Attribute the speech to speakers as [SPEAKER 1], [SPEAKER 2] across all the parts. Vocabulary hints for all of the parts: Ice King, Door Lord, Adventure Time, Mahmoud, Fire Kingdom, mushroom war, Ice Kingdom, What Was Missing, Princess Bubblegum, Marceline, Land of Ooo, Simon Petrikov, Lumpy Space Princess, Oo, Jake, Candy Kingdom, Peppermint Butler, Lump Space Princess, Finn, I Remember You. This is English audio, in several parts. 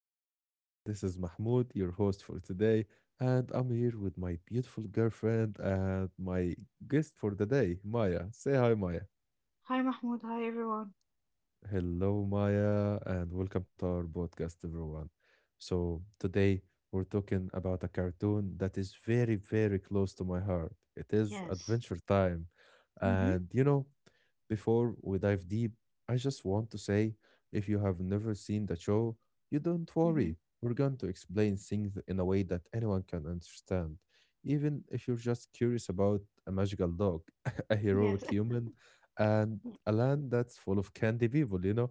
[SPEAKER 1] podcast. This is Mahmoud, your host for today, and I'm here with my beautiful girlfriend and my guest for the day, Maya. Say hi, Maya.
[SPEAKER 2] Hi Mahmoud, hi everyone.
[SPEAKER 1] Hello, Maya, and welcome to our podcast, everyone. So, today we're talking about a cartoon that is very, very close to my heart. It is
[SPEAKER 2] Yes.
[SPEAKER 1] Adventure Time.
[SPEAKER 2] Mm-hmm.
[SPEAKER 1] And, you know, before we dive deep, I just want to say if you have never seen the show, you don't
[SPEAKER 2] Mm-hmm.
[SPEAKER 1] worry. We're going to explain things in a way that anyone can understand. Even if you're just curious about a magical dog, a
[SPEAKER 2] Yes.
[SPEAKER 1] heroic human, and a land that's full of candy people.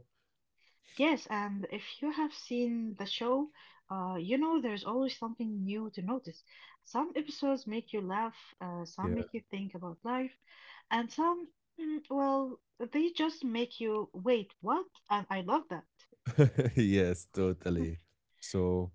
[SPEAKER 2] Yes, and if you have seen the show, you know there's always something new to notice. Some episodes make you laugh, some
[SPEAKER 1] Yeah.
[SPEAKER 2] make you think about life, and some, mm, well, they just make you wait, what? And I love that.
[SPEAKER 1] Yes, totally. So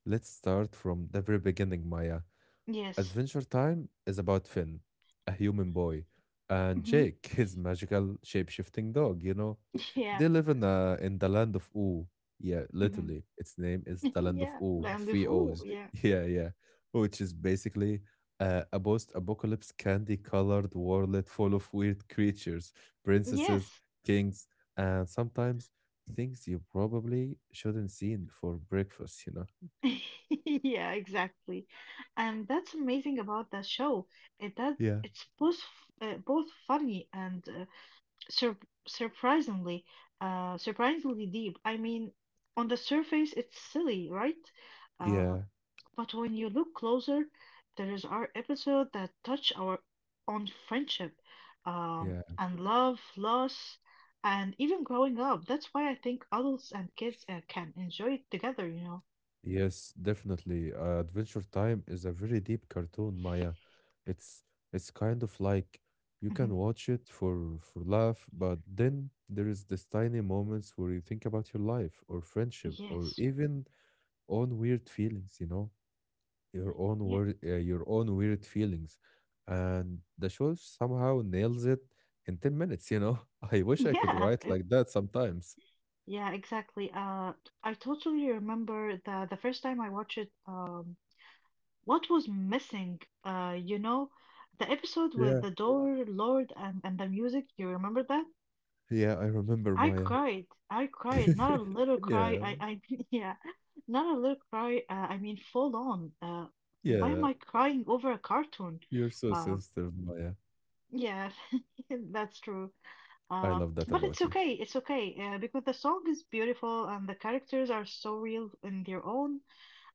[SPEAKER 1] let's start from the very beginning, Maya.
[SPEAKER 2] Yes.
[SPEAKER 1] Adventure Time is about Finn, a human boy, and
[SPEAKER 2] Mm-hmm.
[SPEAKER 1] Jake, his magical shape-shifting dog.
[SPEAKER 2] Yeah.
[SPEAKER 1] They live in in the land of Oo. Yeah,
[SPEAKER 2] Mm-hmm.
[SPEAKER 1] literally. Its name is the land of
[SPEAKER 2] Yeah.
[SPEAKER 1] Oo,
[SPEAKER 2] Land
[SPEAKER 1] three
[SPEAKER 2] of Ooh,
[SPEAKER 1] O's.
[SPEAKER 2] yeah.
[SPEAKER 1] Yeah. Which is basically a post-apocalypse candy-colored world full of weird creatures, princesses,
[SPEAKER 2] Yes.
[SPEAKER 1] kings, and sometimes things you probably shouldn't see before breakfast.
[SPEAKER 2] Yeah, exactly. And that's amazing about the show. It does
[SPEAKER 1] Yeah.
[SPEAKER 2] it's both both funny and sur surprisingly uh, surprisingly deep. I mean, on the surface it's silly, right? Uh,
[SPEAKER 1] Yeah.
[SPEAKER 2] but when you look closer, there is our episode that touch our on friendship,
[SPEAKER 1] Yeah.
[SPEAKER 2] and love, loss, and even growing up. That's why I think adults and kids can enjoy it together, you know.
[SPEAKER 1] Yes, definitely. Adventure Time is a very deep cartoon, Maya. It's it's kind of like you
[SPEAKER 2] Mhm.
[SPEAKER 1] can watch it for laugh, but then there is this tiny moments where you think about your life or friendship or
[SPEAKER 2] Yes.
[SPEAKER 1] even own weird feelings, you know, your own
[SPEAKER 2] Yeah,
[SPEAKER 1] wor your own weird feelings. And the show somehow nails it in 10 minutes, you know. I wish I could
[SPEAKER 2] yeah,
[SPEAKER 1] write like that sometimes.
[SPEAKER 2] yeah, exactly. I totally remember the first time I watched it. What was missing? You know, the episode with
[SPEAKER 1] Yeah.
[SPEAKER 2] the door, Lord, and the music. You remember that?
[SPEAKER 1] Yeah, I remember
[SPEAKER 2] I
[SPEAKER 1] Maya.
[SPEAKER 2] cried. I cried. Not a little cry.
[SPEAKER 1] Yeah.
[SPEAKER 2] I yeah, not a little cry. I mean, full on. Why am
[SPEAKER 1] Yeah.
[SPEAKER 2] I crying over a cartoon?
[SPEAKER 1] You're so
[SPEAKER 2] Um,
[SPEAKER 1] sensitive, Maya.
[SPEAKER 2] yeah, that's true.
[SPEAKER 1] I
[SPEAKER 2] Uh,
[SPEAKER 1] love that
[SPEAKER 2] but
[SPEAKER 1] about you.
[SPEAKER 2] it's okay, because the song is beautiful and the characters are so real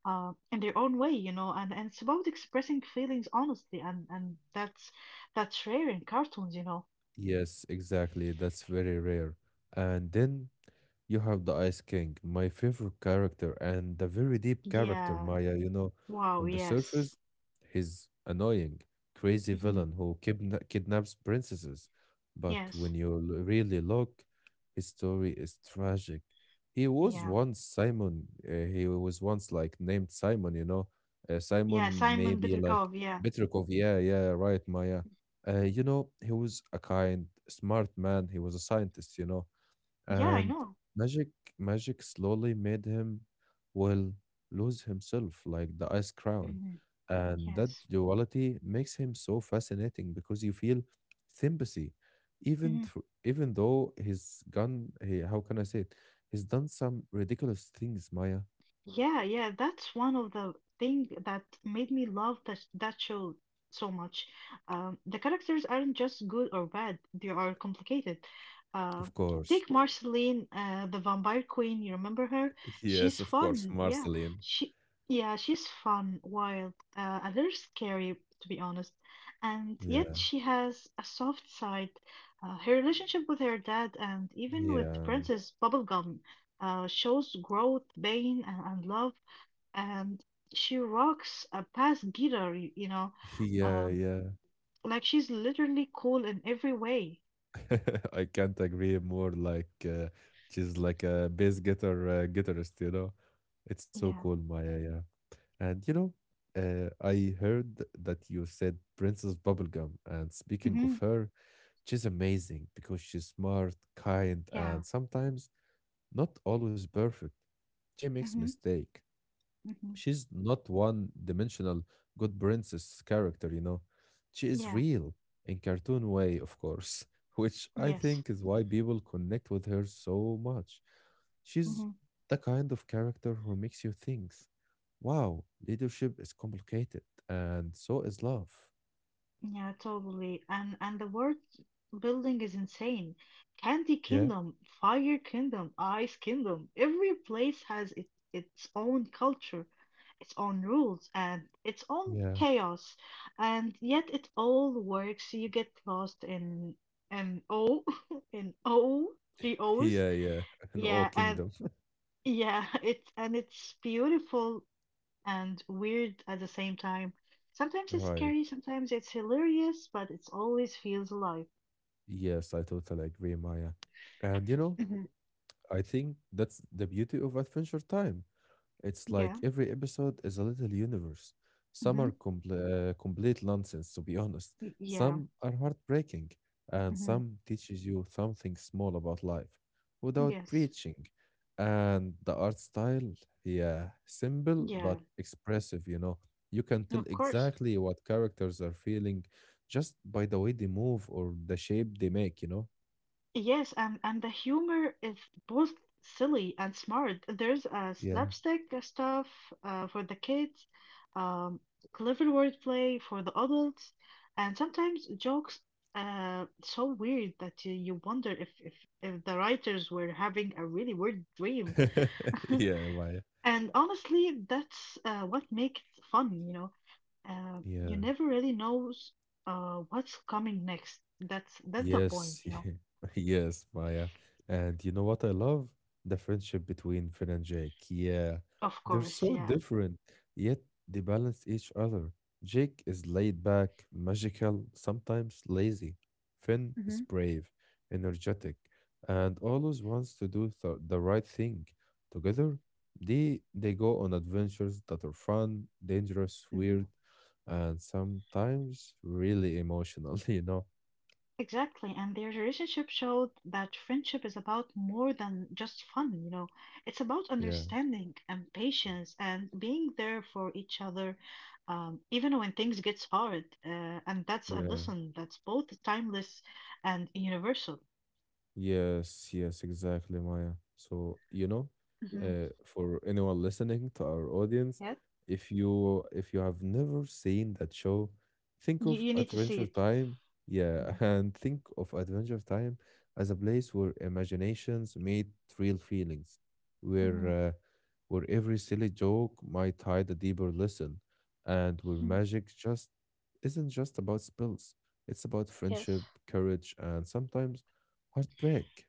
[SPEAKER 2] in their own way, you know, and it's about expressing feelings honestly, and that's rare in cartoons, you know.
[SPEAKER 1] Yes, exactly. That's very rare. And then you have the Ice King, my favorite character, and the very deep character,
[SPEAKER 2] Yeah.
[SPEAKER 1] Maya. You know,
[SPEAKER 2] Wow.
[SPEAKER 1] on the
[SPEAKER 2] Yes.
[SPEAKER 1] surface, he's annoying, crazy
[SPEAKER 2] Hmm.
[SPEAKER 1] villain who kidnaps princesses. But
[SPEAKER 2] Yes.
[SPEAKER 1] when you really look, his story is tragic. He was
[SPEAKER 2] Yeah.
[SPEAKER 1] once Simon. He was once like named Simon. You know,
[SPEAKER 2] Yeah.
[SPEAKER 1] Simon
[SPEAKER 2] Simon
[SPEAKER 1] maybe like
[SPEAKER 2] Petrikov. Yeah.
[SPEAKER 1] Petrikov. Yeah, yeah, right, Maya you know, he was a kind, smart man. He was a scientist, you know.
[SPEAKER 2] Yeah. I
[SPEAKER 1] And
[SPEAKER 2] know.
[SPEAKER 1] magic, magic slowly made him, well, lose himself like the ice crown.
[SPEAKER 2] Hmm.
[SPEAKER 1] And that
[SPEAKER 2] Yes.
[SPEAKER 1] duality makes him so fascinating because you feel sympathy,
[SPEAKER 2] Mm-hmm.
[SPEAKER 1] even though he's gone. He, how can I say it? He's done some ridiculous things, Maya.
[SPEAKER 2] Yeah, yeah, that's one of the thing that made me love that show so much. The characters aren't just good or bad; they are complicated. Uh,
[SPEAKER 1] Of course.
[SPEAKER 2] Take Marceline, the vampire queen. You remember her? She's
[SPEAKER 1] Yes, of course,
[SPEAKER 2] fun. Yeah,
[SPEAKER 1] Marceline.
[SPEAKER 2] she, yeah, she's fun, wild, a little scary to be honest, and yet
[SPEAKER 1] Yeah,
[SPEAKER 2] she has a soft side. Her relationship with her dad and even with
[SPEAKER 1] yeah,
[SPEAKER 2] Princess Bubblegum shows growth, pain, and love. And she rocks a past Gira, you know,
[SPEAKER 1] yeah,
[SPEAKER 2] um,
[SPEAKER 1] yeah.
[SPEAKER 2] like she's literally cool in every way.
[SPEAKER 1] I can't agree more. Like she's like a bass guitar guitarist, you know. It's so
[SPEAKER 2] Yeah.
[SPEAKER 1] cool, Maya. Yeah, and you know, I heard that you said Princess Bubblegum, and speaking of
[SPEAKER 2] Hmm.
[SPEAKER 1] her, she's amazing because she's smart, kind,
[SPEAKER 2] Yeah.
[SPEAKER 1] and sometimes not always perfect. She makes
[SPEAKER 2] Hmm.
[SPEAKER 1] mistakes
[SPEAKER 2] Hmm.
[SPEAKER 1] she's not one dimensional good princess character, you know. She is
[SPEAKER 2] Yeah.
[SPEAKER 1] real in cartoon way, of course, which I
[SPEAKER 2] Yes.
[SPEAKER 1] think is why people connect with her so much. She's
[SPEAKER 2] Hmm.
[SPEAKER 1] the kind of character who makes you think, wow, leadership is complicated and so is love.
[SPEAKER 2] Yeah, totally. And the world building is insane. Candy
[SPEAKER 1] Yeah.
[SPEAKER 2] Kingdom, Fire Kingdom, Ice Kingdom. Every place has it, its own culture, its own rules, and its own
[SPEAKER 1] Yeah.
[SPEAKER 2] chaos. And yet it all works. You get lost in an O, in O, three O's.
[SPEAKER 1] Yeah. In
[SPEAKER 2] Yeah.
[SPEAKER 1] all
[SPEAKER 2] Yeah, and
[SPEAKER 1] kingdom.
[SPEAKER 2] yeah, it's beautiful and weird at the same time. Sometimes it's
[SPEAKER 1] Right.
[SPEAKER 2] scary, sometimes it's hilarious, but it always feels alive.
[SPEAKER 1] Yes, I totally agree, Maya. And you know,
[SPEAKER 2] Hmm.
[SPEAKER 1] I think that's the beauty of Adventure Time. It's like
[SPEAKER 2] Yeah.
[SPEAKER 1] every episode is a little universe. Some
[SPEAKER 2] Hmm.
[SPEAKER 1] are complete nonsense, to be honest.
[SPEAKER 2] Yeah.
[SPEAKER 1] Some are heartbreaking, and
[SPEAKER 2] Hmm.
[SPEAKER 1] some teaches you something small about life without
[SPEAKER 2] Yes.
[SPEAKER 1] preaching. And the art style, yeah, simple but
[SPEAKER 2] Yeah.
[SPEAKER 1] expressive, you know. You can tell
[SPEAKER 2] Of course.
[SPEAKER 1] exactly what characters are feeling just by the way they move or the shape they make, you know?
[SPEAKER 2] Yes, and the humor is both silly and smart. There's
[SPEAKER 1] Yeah.
[SPEAKER 2] slapstick stuff for the kids, um, clever wordplay for the adults, and sometimes jokes so weird that you wonder if if the writers were having a really weird dream.
[SPEAKER 1] yeah, Maya.
[SPEAKER 2] And honestly, that's what makes it fun, you know. You
[SPEAKER 1] Yeah.
[SPEAKER 2] never really knows what's coming next. That's the point,
[SPEAKER 1] Yes,
[SPEAKER 2] you know.
[SPEAKER 1] yes, Maya. And you know what I love? The friendship between Finn and Jake. Yeah,
[SPEAKER 2] Of
[SPEAKER 1] they're
[SPEAKER 2] course,
[SPEAKER 1] so
[SPEAKER 2] yeah.
[SPEAKER 1] different, yet they balance each other. Jake is laid back, magical, sometimes lazy. Finn is
[SPEAKER 2] Mhm.
[SPEAKER 1] brave, energetic, and always wants to do th the right thing. Together, they go on adventures that are fun, dangerous,
[SPEAKER 2] Mhm.
[SPEAKER 1] weird, and sometimes really emotional, you know?
[SPEAKER 2] Exactly. And their relationship showed that friendship is about more than just fun, you know. It's about
[SPEAKER 1] Yeah.
[SPEAKER 2] understanding and patience and being there for each other, even when things gets hard. And that's a
[SPEAKER 1] Yeah,
[SPEAKER 2] lesson that's both timeless and universal.
[SPEAKER 1] yes, yes, exactly, Maya. So, you know,
[SPEAKER 2] Hmm. Mhm.
[SPEAKER 1] for anyone listening to our audience,
[SPEAKER 2] Yeah.
[SPEAKER 1] if you have never seen that show, think of
[SPEAKER 2] You need to see
[SPEAKER 1] Adventure
[SPEAKER 2] it.
[SPEAKER 1] Time, yeah,
[SPEAKER 2] Mhm.
[SPEAKER 1] and think of Adventure Time as a place where imaginations meet real feelings, where
[SPEAKER 2] Mhm.
[SPEAKER 1] uh, where every silly joke might hide a deeper lesson, and where
[SPEAKER 2] Mm,
[SPEAKER 1] magic just isn't just about spells. It's about
[SPEAKER 2] yes.
[SPEAKER 1] friendship, courage, and sometimes heartbreak.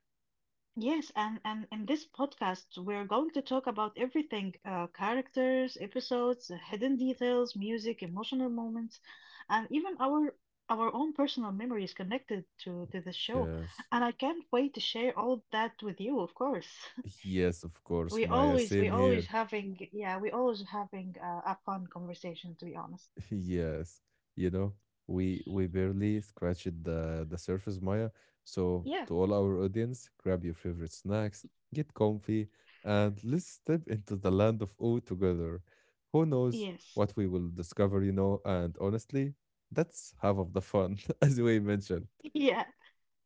[SPEAKER 2] Yes, and in this podcast, we're going to talk about everything characters, episodes, hidden details, music, emotional moments, and even our own personal memories connected to the show.
[SPEAKER 1] Yes.
[SPEAKER 2] And I can't wait to share all that with you, of course.
[SPEAKER 1] Yes, of course, Maya. Same here.
[SPEAKER 2] We always having a fun conversation, to be honest.
[SPEAKER 1] Yes. You know, we barely scratched the surface, Maya. So
[SPEAKER 2] Yeah.
[SPEAKER 1] to all our audience, grab your favorite snacks, get comfy, and let's step into the land of O together. Who knows
[SPEAKER 2] Yes.
[SPEAKER 1] what we will discover, you know, and honestly, that's half of the fun, as we mentioned.
[SPEAKER 2] Yeah,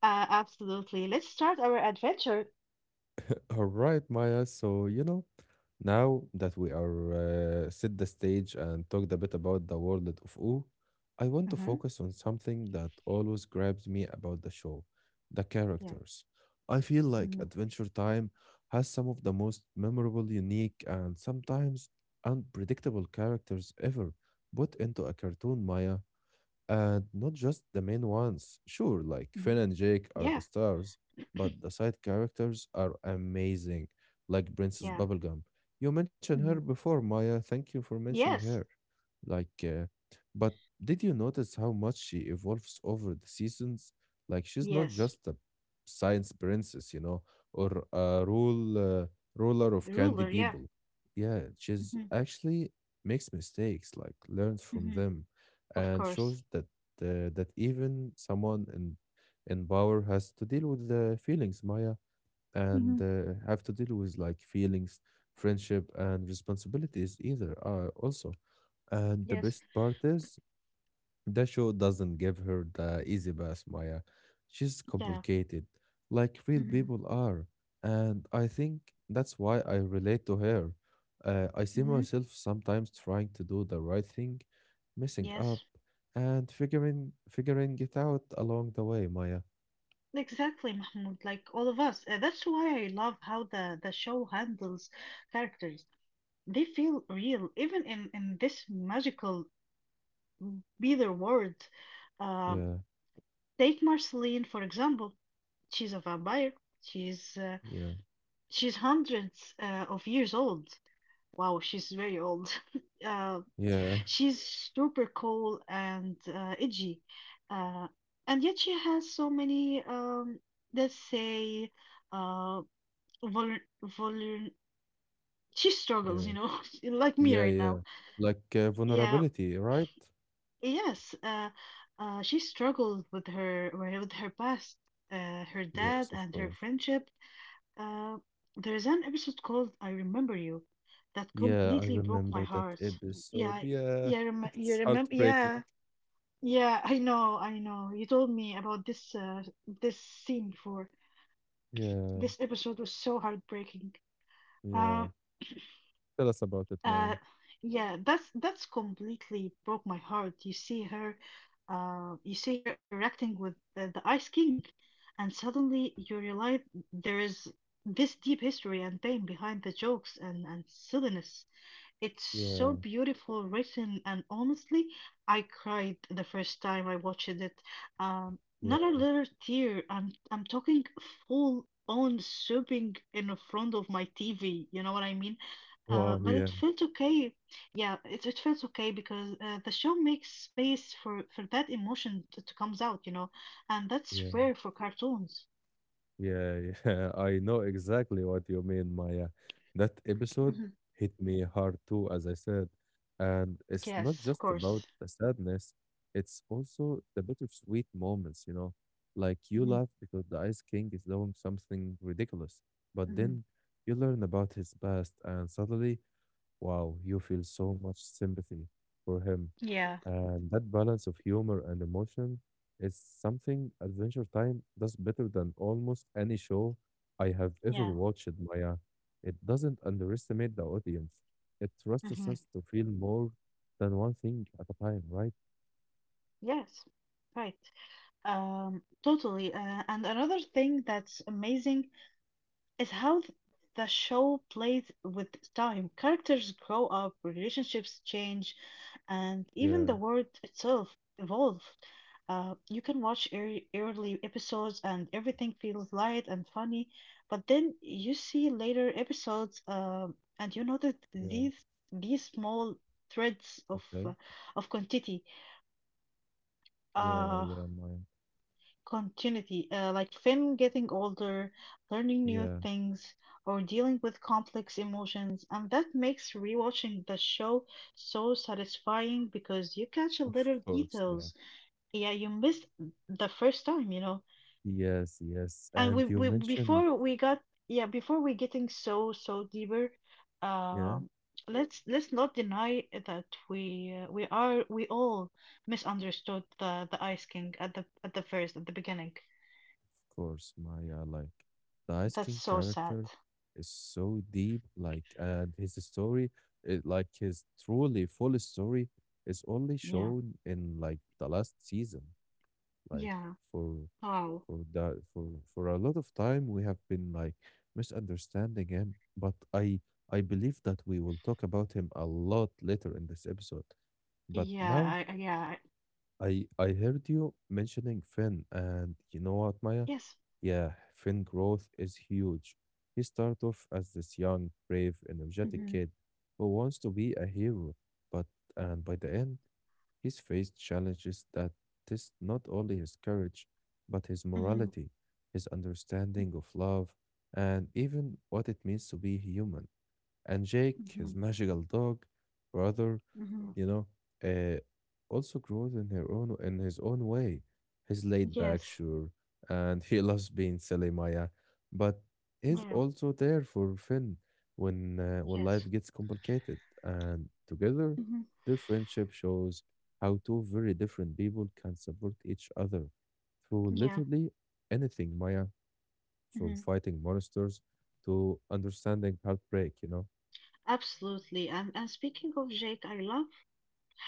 [SPEAKER 2] absolutely. Let's start our adventure.
[SPEAKER 1] All right, Maya. So, you know, now that we are set the stage and talked a bit about the world of OO, I want to
[SPEAKER 2] Mm-hmm.
[SPEAKER 1] focus on something that always grabs me about the show, the
[SPEAKER 2] Yeah.
[SPEAKER 1] characters. I feel like
[SPEAKER 2] Mm-hmm.
[SPEAKER 1] Adventure Time has some of the most memorable, unique, and sometimes unpredictable characters ever put into a cartoon, Maya. And not just the main ones. Sure, like Finn
[SPEAKER 2] Mm-hmm.
[SPEAKER 1] and Jake are
[SPEAKER 2] Yeah.
[SPEAKER 1] the stars, but the side characters are amazing, like Princess
[SPEAKER 2] Yeah.
[SPEAKER 1] Bubblegum. You mentioned her
[SPEAKER 2] Mhm.
[SPEAKER 1] before, Maya. Thank you for mentioning her.
[SPEAKER 2] Yes.
[SPEAKER 1] Like, uh, but did you notice how much she evolves over the seasons? Like, she's not
[SPEAKER 2] Yes.
[SPEAKER 1] just a science princess, you know, or a ruler of
[SPEAKER 2] The
[SPEAKER 1] candy
[SPEAKER 2] ruler. Yeah.
[SPEAKER 1] people. Yeah, she's
[SPEAKER 2] Mm-hmm.
[SPEAKER 1] actually makes mistakes, like learns from
[SPEAKER 2] Hmm.
[SPEAKER 1] them
[SPEAKER 2] Of
[SPEAKER 1] and
[SPEAKER 2] course.
[SPEAKER 1] shows that that even someone in power has to deal with the feelings, Maya,
[SPEAKER 2] Mm-hmm.
[SPEAKER 1] and have to deal with like feelings, friendship, and responsibilities either. Also, and the
[SPEAKER 2] Yes.
[SPEAKER 1] best part is the show doesn't give her the easy pass, Maya. She's
[SPEAKER 2] Yeah.
[SPEAKER 1] complicated, like real
[SPEAKER 2] Mm-hmm.
[SPEAKER 1] people are. And I think that's why I relate to her. I see
[SPEAKER 2] Hmm.
[SPEAKER 1] myself sometimes trying to do the right thing, messing up,
[SPEAKER 2] Yes.
[SPEAKER 1] and figuring it out along the way, Maya.
[SPEAKER 2] Exactly, Mahmoud. Like all of us. That's why I love how the show handles characters. They feel real, even in this magical either world. Uh,
[SPEAKER 1] Yeah,
[SPEAKER 2] Take Marceline, for example. She's a vampire. She's uh,
[SPEAKER 1] yeah,
[SPEAKER 2] she's hundreds of years old. Wow, she's very old. Uh,
[SPEAKER 1] yeah,
[SPEAKER 2] she's super cool and edgy, uh, and yet she has so many, let's say, uh, vulner vulner. She struggles, you
[SPEAKER 1] yeah,
[SPEAKER 2] know, like me
[SPEAKER 1] yeah,
[SPEAKER 2] right
[SPEAKER 1] yeah.
[SPEAKER 2] now.
[SPEAKER 1] Like
[SPEAKER 2] Yeah,
[SPEAKER 1] vulnerability, right?
[SPEAKER 2] yes. She struggled with her past, her dad,
[SPEAKER 1] Yes, of
[SPEAKER 2] and her
[SPEAKER 1] course.
[SPEAKER 2] friendship. Uh, there's an episode called "I Remember You" that
[SPEAKER 1] Yeah, I
[SPEAKER 2] completely broke my
[SPEAKER 1] remember that
[SPEAKER 2] heart. Yeah,
[SPEAKER 1] episode.
[SPEAKER 2] I-
[SPEAKER 1] Yeah,
[SPEAKER 2] yeah, rem you
[SPEAKER 1] it's
[SPEAKER 2] remember? Yeah,
[SPEAKER 1] heartbreaking.
[SPEAKER 2] yeah. I know, I know. You told me about this this scene before.
[SPEAKER 1] Yeah,
[SPEAKER 2] This episode was so heartbreaking.
[SPEAKER 1] yeah.
[SPEAKER 2] Um,
[SPEAKER 1] Tell us about it, Maya.
[SPEAKER 2] Uh, yeah, that's completely broke my heart. You see her interacting with the Ice King, and suddenly you realize there is this deep history and pain behind the jokes and silliness. It's
[SPEAKER 1] Yeah,
[SPEAKER 2] so beautiful written, and honestly, I cried the first time I watched it.
[SPEAKER 1] yeah.
[SPEAKER 2] Not a little tear. I'm talking full on sobbing in front of my TV. You know what I mean?
[SPEAKER 1] Wow,
[SPEAKER 2] But it
[SPEAKER 1] yeah,
[SPEAKER 2] felt okay. Yeah, it felt okay because the show makes space for that emotion to comes out. You know, and that's
[SPEAKER 1] yeah,
[SPEAKER 2] rare for cartoons.
[SPEAKER 1] yeah, yeah. I know exactly what you mean, Maya. That episode
[SPEAKER 2] Mhm.
[SPEAKER 1] hit me hard too, as I said. And it's not
[SPEAKER 2] Yes, of
[SPEAKER 1] just about
[SPEAKER 2] course.
[SPEAKER 1] the sadness, it's also the bittersweet moments, you know. Like you
[SPEAKER 2] Hmm.
[SPEAKER 1] laugh because the Ice King is doing something ridiculous,
[SPEAKER 2] Hmm.
[SPEAKER 1] but then you learn about his past, and suddenly wow, you feel so much sympathy for him.
[SPEAKER 2] Yeah,
[SPEAKER 1] And that balance of humor and emotion is something Adventure Time does better than almost any show I have ever
[SPEAKER 2] yeah.
[SPEAKER 1] watched, Maya. It doesn't underestimate the audience. It trusts
[SPEAKER 2] Hmm.
[SPEAKER 1] us to feel more than one thing at a time, right?
[SPEAKER 2] Yes, right. Totally. And another thing that's amazing is the show plays with time. Characters grow up, relationships change, and even
[SPEAKER 1] Yeah,
[SPEAKER 2] the world itself evolves. You can watch early episodes and everything feels light and funny, but then you see later episodes, and you notice
[SPEAKER 1] yeah,
[SPEAKER 2] these small threads
[SPEAKER 1] okay.
[SPEAKER 2] of continuity.
[SPEAKER 1] Yeah,
[SPEAKER 2] Uh,
[SPEAKER 1] yeah, Maya.
[SPEAKER 2] Continuity, like Finn getting older, learning new
[SPEAKER 1] Yeah,
[SPEAKER 2] things, or dealing with complex emotions, and that makes rewatching the show so satisfying because you catch a
[SPEAKER 1] of
[SPEAKER 2] little
[SPEAKER 1] course, yeah.
[SPEAKER 2] details. Yeah, you missed the first time, you know.
[SPEAKER 1] Yes, yes.
[SPEAKER 2] And
[SPEAKER 1] And you
[SPEAKER 2] we
[SPEAKER 1] mentioned,
[SPEAKER 2] before we got yeah before we getting so deeper,
[SPEAKER 1] yeah.
[SPEAKER 2] um, let's not deny that we all misunderstood the Ice King at the first at the beginning.
[SPEAKER 1] Of course, Maya, like the Ice
[SPEAKER 2] That's
[SPEAKER 1] King
[SPEAKER 2] so sad.
[SPEAKER 1] character is so deep, like, and his story, it, like his truly full story, is only
[SPEAKER 2] Yeah.
[SPEAKER 1] shown in like the last season. Like
[SPEAKER 2] Yeah.
[SPEAKER 1] for
[SPEAKER 2] Oh.
[SPEAKER 1] for that for a lot of time, we have been like misunderstanding him, but I believe that we will talk about him a lot later in this episode. But
[SPEAKER 2] Yeah.
[SPEAKER 1] now
[SPEAKER 2] I, I- yeah. I-
[SPEAKER 1] I heard you mentioning Finn, and you know what, Maya?
[SPEAKER 2] Yes.
[SPEAKER 1] Yeah, Finn growth is huge. He started off as this young, brave, energetic
[SPEAKER 2] Mm-hmm.
[SPEAKER 1] kid who wants to be a hero, but and by the end, he's faced challenges that test not only his courage, but his
[SPEAKER 2] Mm-hmm.
[SPEAKER 1] morality, his understanding of love, and even what it means to be human. And Jake, his
[SPEAKER 2] Mm-hmm.
[SPEAKER 1] magical dog, brother,
[SPEAKER 2] Mm-hmm.
[SPEAKER 1] you know, uh, also grows in his own way. He's laid back,
[SPEAKER 2] Yes.
[SPEAKER 1] sure, and he loves being silly, Maya, but he's
[SPEAKER 2] Yeah.
[SPEAKER 1] also there for Finn when
[SPEAKER 2] Yes.
[SPEAKER 1] life gets complicated. And together,
[SPEAKER 2] Mm-hmm.
[SPEAKER 1] their friendship shows how two very different people can support each other through
[SPEAKER 2] Yeah.
[SPEAKER 1] literally anything, Maya, from
[SPEAKER 2] Mm-hmm.
[SPEAKER 1] fighting monsters to understanding heartbreak. You know.
[SPEAKER 2] Absolutely. And speaking of Jake, I love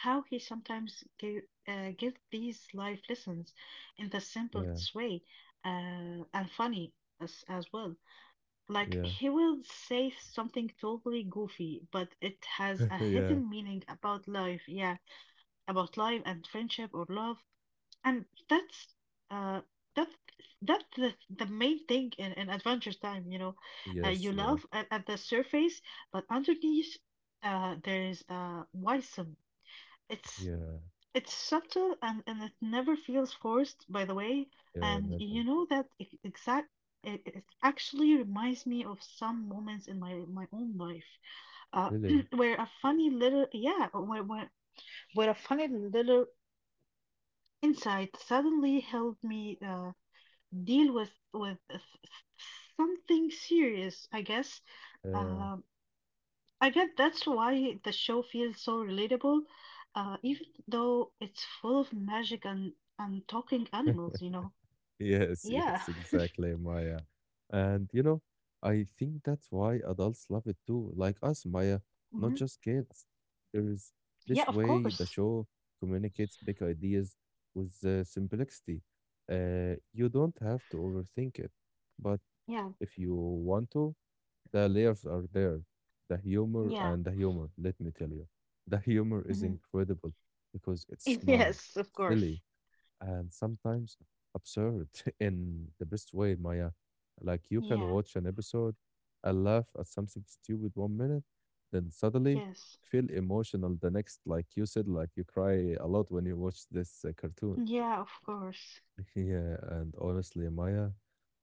[SPEAKER 2] how he sometimes give these life lessons in the
[SPEAKER 1] Yeah.
[SPEAKER 2] simplest way, and funny as well. Like
[SPEAKER 1] Yeah.
[SPEAKER 2] he will say something totally goofy, but it has a
[SPEAKER 1] yeah.
[SPEAKER 2] hidden meaning about life. Yeah. About life and friendship or love and uh that's that's the main thing in adventure time, you know.
[SPEAKER 1] Yes.
[SPEAKER 2] You
[SPEAKER 1] Yeah.
[SPEAKER 2] love at the surface but underneath there's wisdom. it's
[SPEAKER 1] Yeah.
[SPEAKER 2] it's subtle and it never feels forced, by the way.
[SPEAKER 1] Yeah,
[SPEAKER 2] And you
[SPEAKER 1] never.
[SPEAKER 2] know that e- exact it, it actually reminds me of some moments in my own life, uh,
[SPEAKER 1] Really?
[SPEAKER 2] where a funny little yeah where, where where a funny little insight suddenly helped me deal with something serious, I guess.
[SPEAKER 1] Yeah.
[SPEAKER 2] Um I guess that's why the show feels so relatable, even though it's full of magic and talking animals, you know.
[SPEAKER 1] Yes,
[SPEAKER 2] Yeah.
[SPEAKER 1] yes, exactly, Maya. And you know, I think that's why adults love it too, like us, Maya, not
[SPEAKER 2] Hmm.
[SPEAKER 1] just kids. There is this
[SPEAKER 2] Yeah, of
[SPEAKER 1] way the
[SPEAKER 2] course.
[SPEAKER 1] show communicates big ideas with simplicity. You don't have to overthink it, but
[SPEAKER 2] Yeah.
[SPEAKER 1] if you want to, the layers are there. The humor
[SPEAKER 2] Yeah.
[SPEAKER 1] and the humor, let me tell you, the humor is
[SPEAKER 2] Hmm.
[SPEAKER 1] incredible because it's smart,
[SPEAKER 2] Yes, of
[SPEAKER 1] silly
[SPEAKER 2] course.
[SPEAKER 1] and sometimes absurd in the best way, Maya. Like you can
[SPEAKER 2] Yeah.
[SPEAKER 1] watch an episode and laugh at something stupid one minute, then suddenly
[SPEAKER 2] Yes.
[SPEAKER 1] feel emotional the next. Like you said, like you cry a lot when you watch this cartoon.
[SPEAKER 2] Yeah, of course.
[SPEAKER 1] Yeah, and honestly, Maya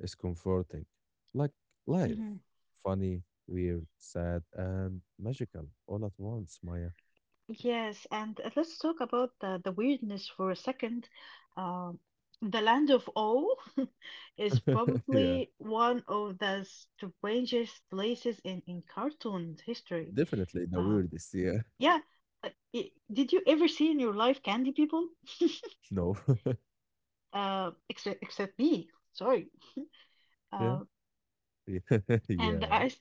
[SPEAKER 1] is comforting. Like life,
[SPEAKER 2] Mhm.
[SPEAKER 1] funny, weird, sad, and magical all at once, Maya.
[SPEAKER 2] Yes, and let's talk about the weirdness for a second. Um, the Land of All is
[SPEAKER 1] Yeah,
[SPEAKER 2] probably one of the strangest places in cartoon history.
[SPEAKER 1] definitely the
[SPEAKER 2] Um,
[SPEAKER 1] weirdest. Yeah,
[SPEAKER 2] yeah, uh, I did you ever see in your life candy people?
[SPEAKER 1] no,
[SPEAKER 2] Except me, sorry.
[SPEAKER 1] yeah,
[SPEAKER 2] Uh,
[SPEAKER 1] yeah,
[SPEAKER 2] and the
[SPEAKER 1] yeah.
[SPEAKER 2] ice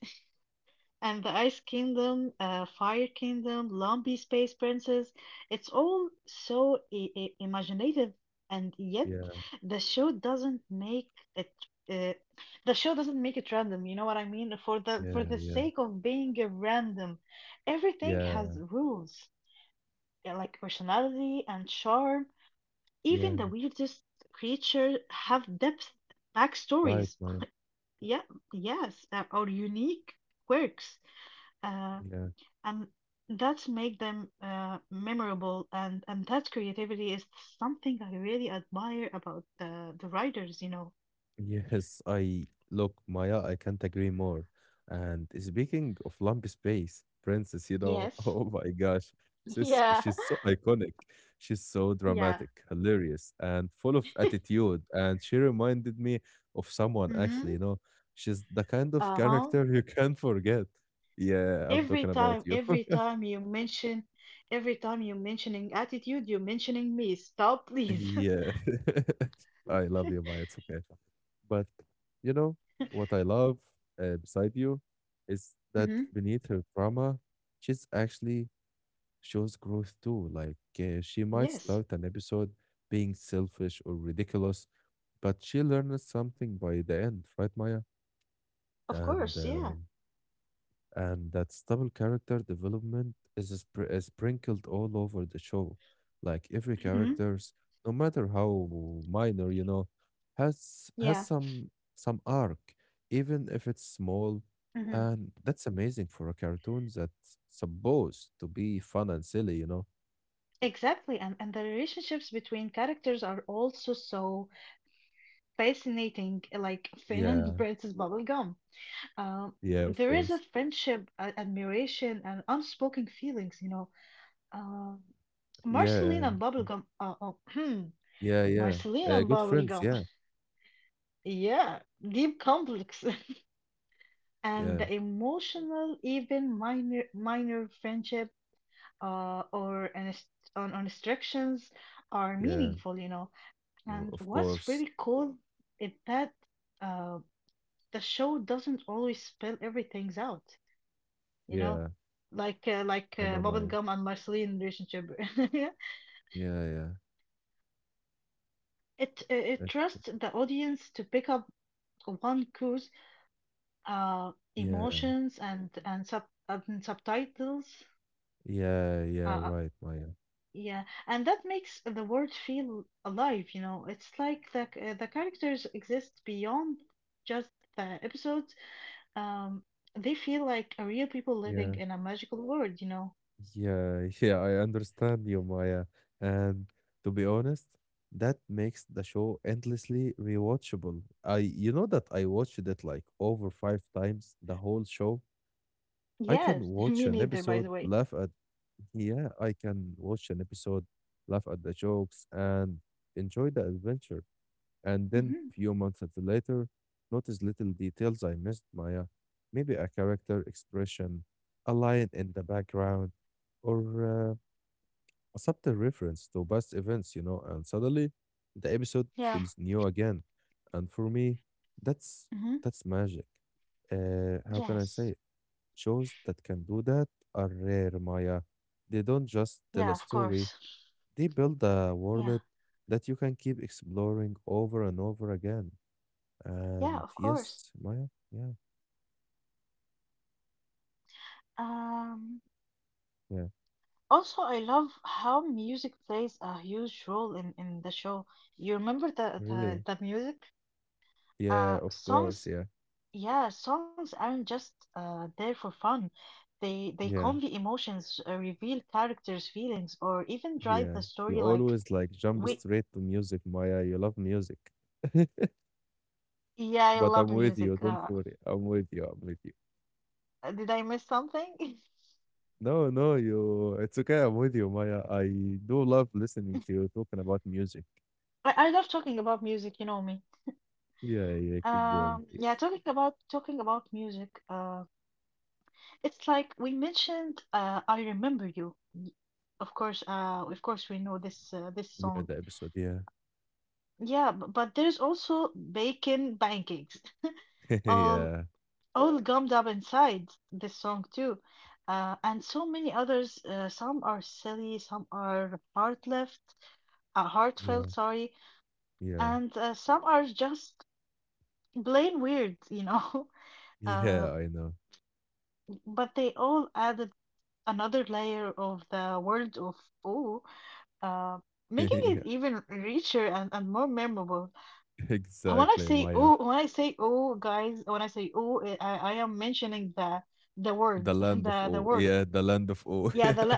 [SPEAKER 2] And the Ice Kingdom, Fire Kingdom, Lumpy Space Princess, it's all so imaginative, and yet
[SPEAKER 1] Yeah.
[SPEAKER 2] the show doesn't make it. Uh, the show doesn't make it random. You know what I mean? For the
[SPEAKER 1] Yeah, yeah,
[SPEAKER 2] sake of being a random, everything has
[SPEAKER 1] yeah,
[SPEAKER 2] rules, like personality and charm.
[SPEAKER 1] yeah.
[SPEAKER 2] Even the weirdest creature have depth,
[SPEAKER 1] Right,
[SPEAKER 2] backstories.
[SPEAKER 1] Maya.
[SPEAKER 2] Yeah, yes, or unique quirks. Uh,
[SPEAKER 1] Yeah.
[SPEAKER 2] and that's make them memorable and that creativity is something I really admire about the writers, you know.
[SPEAKER 1] Yes, I look, Maya, I can't agree more. And speaking of lump space, Princess,
[SPEAKER 2] Yes.
[SPEAKER 1] oh my gosh, she's
[SPEAKER 2] Yeah.
[SPEAKER 1] she's so iconic. She's so
[SPEAKER 2] Yeah.
[SPEAKER 1] dramatic, hilarious, and full of attitude. And she reminded me of someone actually,
[SPEAKER 2] Mm-hmm.
[SPEAKER 1] you know. She's the kind of
[SPEAKER 2] Uh-huh.
[SPEAKER 1] character you can't forget. Yeah, I'm
[SPEAKER 2] Every
[SPEAKER 1] talking about
[SPEAKER 2] time,
[SPEAKER 1] you.
[SPEAKER 2] every time you mention, every time you mentioning attitude, you're mentioning me. Stop, please.
[SPEAKER 1] Yeah. I love you, Maya. It's okay. But you know what I love beside you is that
[SPEAKER 2] Mm-hmm.
[SPEAKER 1] beneath her drama, she's actually shows growth too. Like she might
[SPEAKER 2] Yes,
[SPEAKER 1] start an episode being selfish or ridiculous, but she learns something by the end, right, Maya?
[SPEAKER 2] of
[SPEAKER 1] And
[SPEAKER 2] course, yeah.
[SPEAKER 1] um, and that stable character development is sprinkled all over the show. Like every
[SPEAKER 2] Mm-hmm.
[SPEAKER 1] characters, no matter how minor, has
[SPEAKER 2] Yeah.
[SPEAKER 1] some arc, even if it's small,
[SPEAKER 2] Mm-hmm.
[SPEAKER 1] and that's amazing for a cartoon that's supposed to be fun and silly.
[SPEAKER 2] Exactly. And the relationships between characters are also so fascinating, like Finn and
[SPEAKER 1] Yeah,
[SPEAKER 2] Princess Bubblegum. Um,
[SPEAKER 1] yeah, of
[SPEAKER 2] there is a
[SPEAKER 1] course.
[SPEAKER 2] friendship, admiration, and unspoken feelings, you know. Um, Marceline
[SPEAKER 1] Yeah,
[SPEAKER 2] and Bubblegum, oh, hmm,
[SPEAKER 1] yeah, yeah.
[SPEAKER 2] Marceline Oh
[SPEAKER 1] Uh,
[SPEAKER 2] and yeah.
[SPEAKER 1] good friends.
[SPEAKER 2] Bubblegum,
[SPEAKER 1] Yeah,
[SPEAKER 2] yeah, deep complex. And
[SPEAKER 1] yeah,
[SPEAKER 2] the emotional, even minor, minor friendship uh, or inst- on instructions are
[SPEAKER 1] yeah.
[SPEAKER 2] meaningful, you know.
[SPEAKER 1] o-
[SPEAKER 2] And
[SPEAKER 1] Of
[SPEAKER 2] what's
[SPEAKER 1] course.
[SPEAKER 2] really cool is that uh, the show doesn't always spell everything out, you know,
[SPEAKER 1] Yeah,
[SPEAKER 2] like uh, like
[SPEAKER 1] I
[SPEAKER 2] uh,
[SPEAKER 1] know Maya.
[SPEAKER 2] Bubblegum and Marceline relationship. Yeah.
[SPEAKER 1] Yeah, yeah.
[SPEAKER 2] It
[SPEAKER 1] It,
[SPEAKER 2] trusts the audience to pick up one clues,
[SPEAKER 1] yeah.
[SPEAKER 2] emotions and subtitles.
[SPEAKER 1] Yeah, yeah,
[SPEAKER 2] Uh, uh,
[SPEAKER 1] right, Maya.
[SPEAKER 2] yeah, and that makes the world feel alive. You know, it's like the characters exist beyond just the episodes. Um, they feel like a real people living
[SPEAKER 1] Yeah,
[SPEAKER 2] in a magical world. You know.
[SPEAKER 1] yeah, yeah, I understand you, Maya. And to be honest, that makes the show endlessly rewatchable. You know that I watched it like over five times, the whole show. I
[SPEAKER 2] Yes,
[SPEAKER 1] can
[SPEAKER 2] me
[SPEAKER 1] watch an
[SPEAKER 2] neither, by the
[SPEAKER 1] episode,
[SPEAKER 2] way.
[SPEAKER 1] laugh at, Yeah, I can watch an episode, laugh at the jokes, and enjoy the adventure. And then,
[SPEAKER 2] Hmm.
[SPEAKER 1] few months of the later, notice little details I missed, Maya. Maybe a character expression, a line in the background, or a subtle reference to past events. And suddenly, the episode
[SPEAKER 2] Yeah.
[SPEAKER 1] feels new again. And for me, that's
[SPEAKER 2] Hmm.
[SPEAKER 1] that's magic. How can I say
[SPEAKER 2] Yes.
[SPEAKER 1] it? Shows that can do that are rare, Maya. They don't just tell a
[SPEAKER 2] Yeah, of
[SPEAKER 1] story;
[SPEAKER 2] course.
[SPEAKER 1] they build a world
[SPEAKER 2] Yeah.
[SPEAKER 1] that you can keep exploring over and over again.
[SPEAKER 2] Yeah,
[SPEAKER 1] And
[SPEAKER 2] of course.
[SPEAKER 1] yes, Maya, yeah,
[SPEAKER 2] Um,
[SPEAKER 1] yeah,
[SPEAKER 2] Also, I love how music plays a huge role in the show. You remember the the,
[SPEAKER 1] really.
[SPEAKER 2] the music?
[SPEAKER 1] Yeah, of course,
[SPEAKER 2] Songs.
[SPEAKER 1] yeah,
[SPEAKER 2] Yeah, songs aren't just there for fun. They
[SPEAKER 1] yeah,
[SPEAKER 2] convey emotions, reveal characters' feelings, or even drive
[SPEAKER 1] yeah.
[SPEAKER 2] the
[SPEAKER 1] You
[SPEAKER 2] story like
[SPEAKER 1] always like jump
[SPEAKER 2] we.
[SPEAKER 1] straight to music, Maya. You love music.
[SPEAKER 2] Yeah, I
[SPEAKER 1] But
[SPEAKER 2] love
[SPEAKER 1] I'm with you,
[SPEAKER 2] music.
[SPEAKER 1] don't worry. I'm with you, I'm with you.
[SPEAKER 2] Did I miss something?
[SPEAKER 1] No, no, it's okay. I'm with you, Maya. I do love listening to you talking about music.
[SPEAKER 2] I love talking about music, you know me.
[SPEAKER 1] Yeah, yeah, keep going,
[SPEAKER 2] Mhm. Yeah,
[SPEAKER 1] please.
[SPEAKER 2] talking about music. It's like we mentioned. I remember you. Of course we know this
[SPEAKER 1] Enjoy
[SPEAKER 2] song.
[SPEAKER 1] the episode, yeah.
[SPEAKER 2] Yeah, but there's also bacon pancakes, all
[SPEAKER 1] Yeah,
[SPEAKER 2] all gummed up inside this song too, and so many others. Some are silly, some are
[SPEAKER 1] yeah,
[SPEAKER 2] heartfelt, sorry,
[SPEAKER 1] yeah,
[SPEAKER 2] and some are just plain weird, you know. Uh.
[SPEAKER 1] yeah, I know.
[SPEAKER 2] But they all added another layer of the world of ooh, uh, making it
[SPEAKER 1] Yeah,
[SPEAKER 2] even richer and more memorable. When I
[SPEAKER 1] exactly,
[SPEAKER 2] say
[SPEAKER 1] Maya.
[SPEAKER 2] ooh, when I say ooh, guys, When I say ooh, I am mentioning the
[SPEAKER 1] The
[SPEAKER 2] word,
[SPEAKER 1] land of
[SPEAKER 2] the
[SPEAKER 1] O.
[SPEAKER 2] word.
[SPEAKER 1] Yeah, the land of awe.
[SPEAKER 2] Yeah,
[SPEAKER 1] Yeah,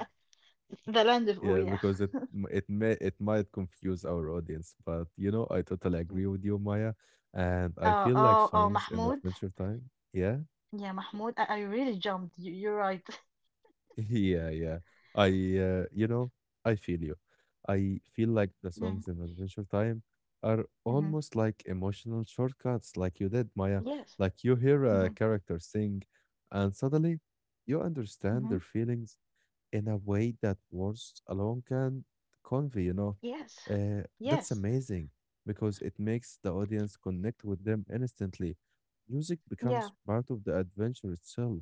[SPEAKER 2] the land of ooh,
[SPEAKER 1] yeah,
[SPEAKER 2] yeah.
[SPEAKER 1] because it m- it may it might confuse our audience, but I totally agree with you, Maya. And I feel like
[SPEAKER 2] Oh,
[SPEAKER 1] songs in
[SPEAKER 2] Mahmoud.
[SPEAKER 1] Adventure Time. Yeah,
[SPEAKER 2] Yeah, Mahmoud, I really jumped. You're right.
[SPEAKER 1] yeah, yeah. I uh, you know, I feel you. I feel like the
[SPEAKER 2] Mm.
[SPEAKER 1] songs in Adventure Time are
[SPEAKER 2] Mhm.
[SPEAKER 1] almost like emotional shortcuts, like you did, Maya.
[SPEAKER 2] Yes.
[SPEAKER 1] Like you hear a
[SPEAKER 2] Hmm.
[SPEAKER 1] character sing, and suddenly you understand
[SPEAKER 2] Hmm.
[SPEAKER 1] their feelings in a way that words alone can convey.
[SPEAKER 2] Yes.
[SPEAKER 1] That's
[SPEAKER 2] Yes.
[SPEAKER 1] amazing because it makes the audience connect with them instantly. Music becomes
[SPEAKER 2] Yeah.
[SPEAKER 1] part of the adventure itself,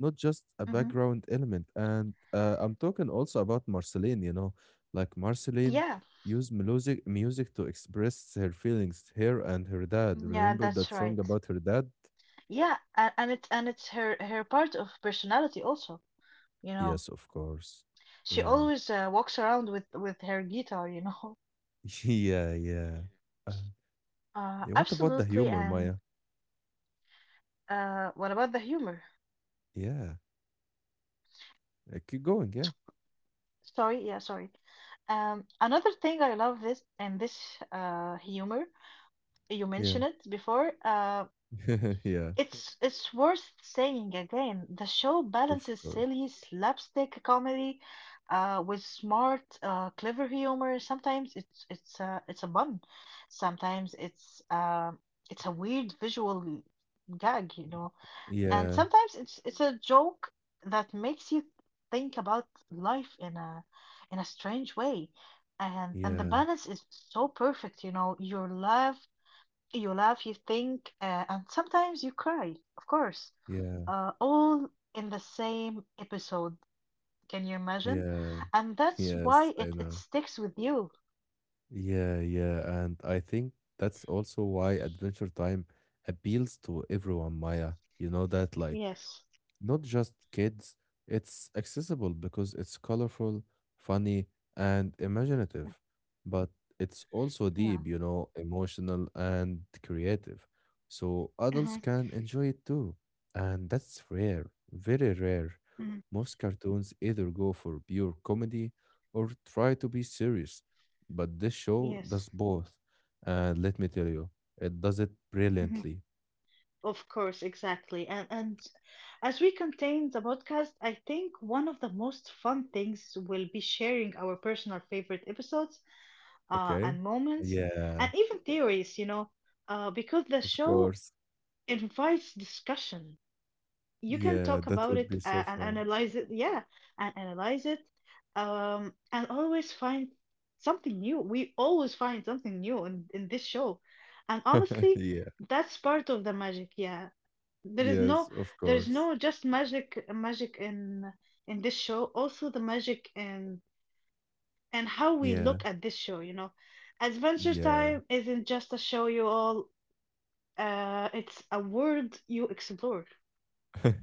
[SPEAKER 1] not just a
[SPEAKER 2] Hmm.
[SPEAKER 1] background element. And I'm talking also about Marceline, like Marceline
[SPEAKER 2] Yeah.
[SPEAKER 1] used music to express her feelings, her and her dad.
[SPEAKER 2] Yeah,
[SPEAKER 1] Remember that
[SPEAKER 2] that's right.
[SPEAKER 1] song about her dad?
[SPEAKER 2] Yeah, and it's her part of personality also. You know,
[SPEAKER 1] Yes, of course.
[SPEAKER 2] she
[SPEAKER 1] Yeah.
[SPEAKER 2] always walks around with her guitar. You know.
[SPEAKER 1] Yeah, yeah.
[SPEAKER 2] Mm.
[SPEAKER 1] Uh, Yeah, what about the
[SPEAKER 2] Absolutely.
[SPEAKER 1] humor,
[SPEAKER 2] And
[SPEAKER 1] Maya?
[SPEAKER 2] what about the humor?
[SPEAKER 1] Yeah, keep going. Yeah,
[SPEAKER 2] Sorry, yeah, sorry. Another thing I love this humor you
[SPEAKER 1] yeah,
[SPEAKER 2] mentioned it before.
[SPEAKER 1] yeah.
[SPEAKER 2] It's worth saying again, the show
[SPEAKER 1] Of
[SPEAKER 2] balances
[SPEAKER 1] course.
[SPEAKER 2] silly slapstick comedy with smart, clever humor. Sometimes it's a bun. Sometimes it's a weird visual gag, you know. And
[SPEAKER 1] Yeah,
[SPEAKER 2] sometimes it's a joke that makes you think about life in a strange way. And the
[SPEAKER 1] yeah,
[SPEAKER 2] balance is so perfect, you know. You laugh, you think, and sometimes you cry, of course,
[SPEAKER 1] yeah,
[SPEAKER 2] all in the same episode. Can you imagine?
[SPEAKER 1] yeah.
[SPEAKER 2] And that's
[SPEAKER 1] Yes,
[SPEAKER 2] why
[SPEAKER 1] I
[SPEAKER 2] it
[SPEAKER 1] know.
[SPEAKER 2] sticks with you.
[SPEAKER 1] Yeah, yeah, and I think that's also why Adventure Time appeals to everyone, Maya. You know that, like,
[SPEAKER 2] Yes.
[SPEAKER 1] not just kids. It's accessible because it's colorful, funny, and imaginative, but it's also
[SPEAKER 2] Yeah.
[SPEAKER 1] deep, emotional and creative. So adults
[SPEAKER 2] Uh-huh.
[SPEAKER 1] can enjoy it too. And that's rare, very rare.
[SPEAKER 2] Mm.
[SPEAKER 1] Most cartoons either go for pure comedy or try to be serious, but this show
[SPEAKER 2] Yes.
[SPEAKER 1] does both. And let me tell you, it does it
[SPEAKER 2] Hmm.
[SPEAKER 1] brilliantly,
[SPEAKER 2] Of course, exactly. And as we contain the podcast, I think one of the most fun things will be sharing our personal favorite episodes,
[SPEAKER 1] okay?
[SPEAKER 2] and moments,
[SPEAKER 1] Yeah,
[SPEAKER 2] and even theories, you know, because the
[SPEAKER 1] of
[SPEAKER 2] show
[SPEAKER 1] course.
[SPEAKER 2] invites discussion. You can
[SPEAKER 1] Yeah,
[SPEAKER 2] talk
[SPEAKER 1] that
[SPEAKER 2] about
[SPEAKER 1] would be
[SPEAKER 2] it
[SPEAKER 1] so
[SPEAKER 2] and
[SPEAKER 1] fun.
[SPEAKER 2] analyze it, yeah, and analyze it, and always find something new. We always find something new in this show, and honestly,
[SPEAKER 1] Yeah.
[SPEAKER 2] that's part of the magic. Yeah, there is
[SPEAKER 1] Yes,
[SPEAKER 2] no,
[SPEAKER 1] of
[SPEAKER 2] there is
[SPEAKER 1] course.
[SPEAKER 2] no just magic, magic in this show. Also, the magic in and how we
[SPEAKER 1] Yeah.
[SPEAKER 2] look at this show. You know, Adventure
[SPEAKER 1] Yeah.
[SPEAKER 2] Time isn't just a show you all. It's a world you explore.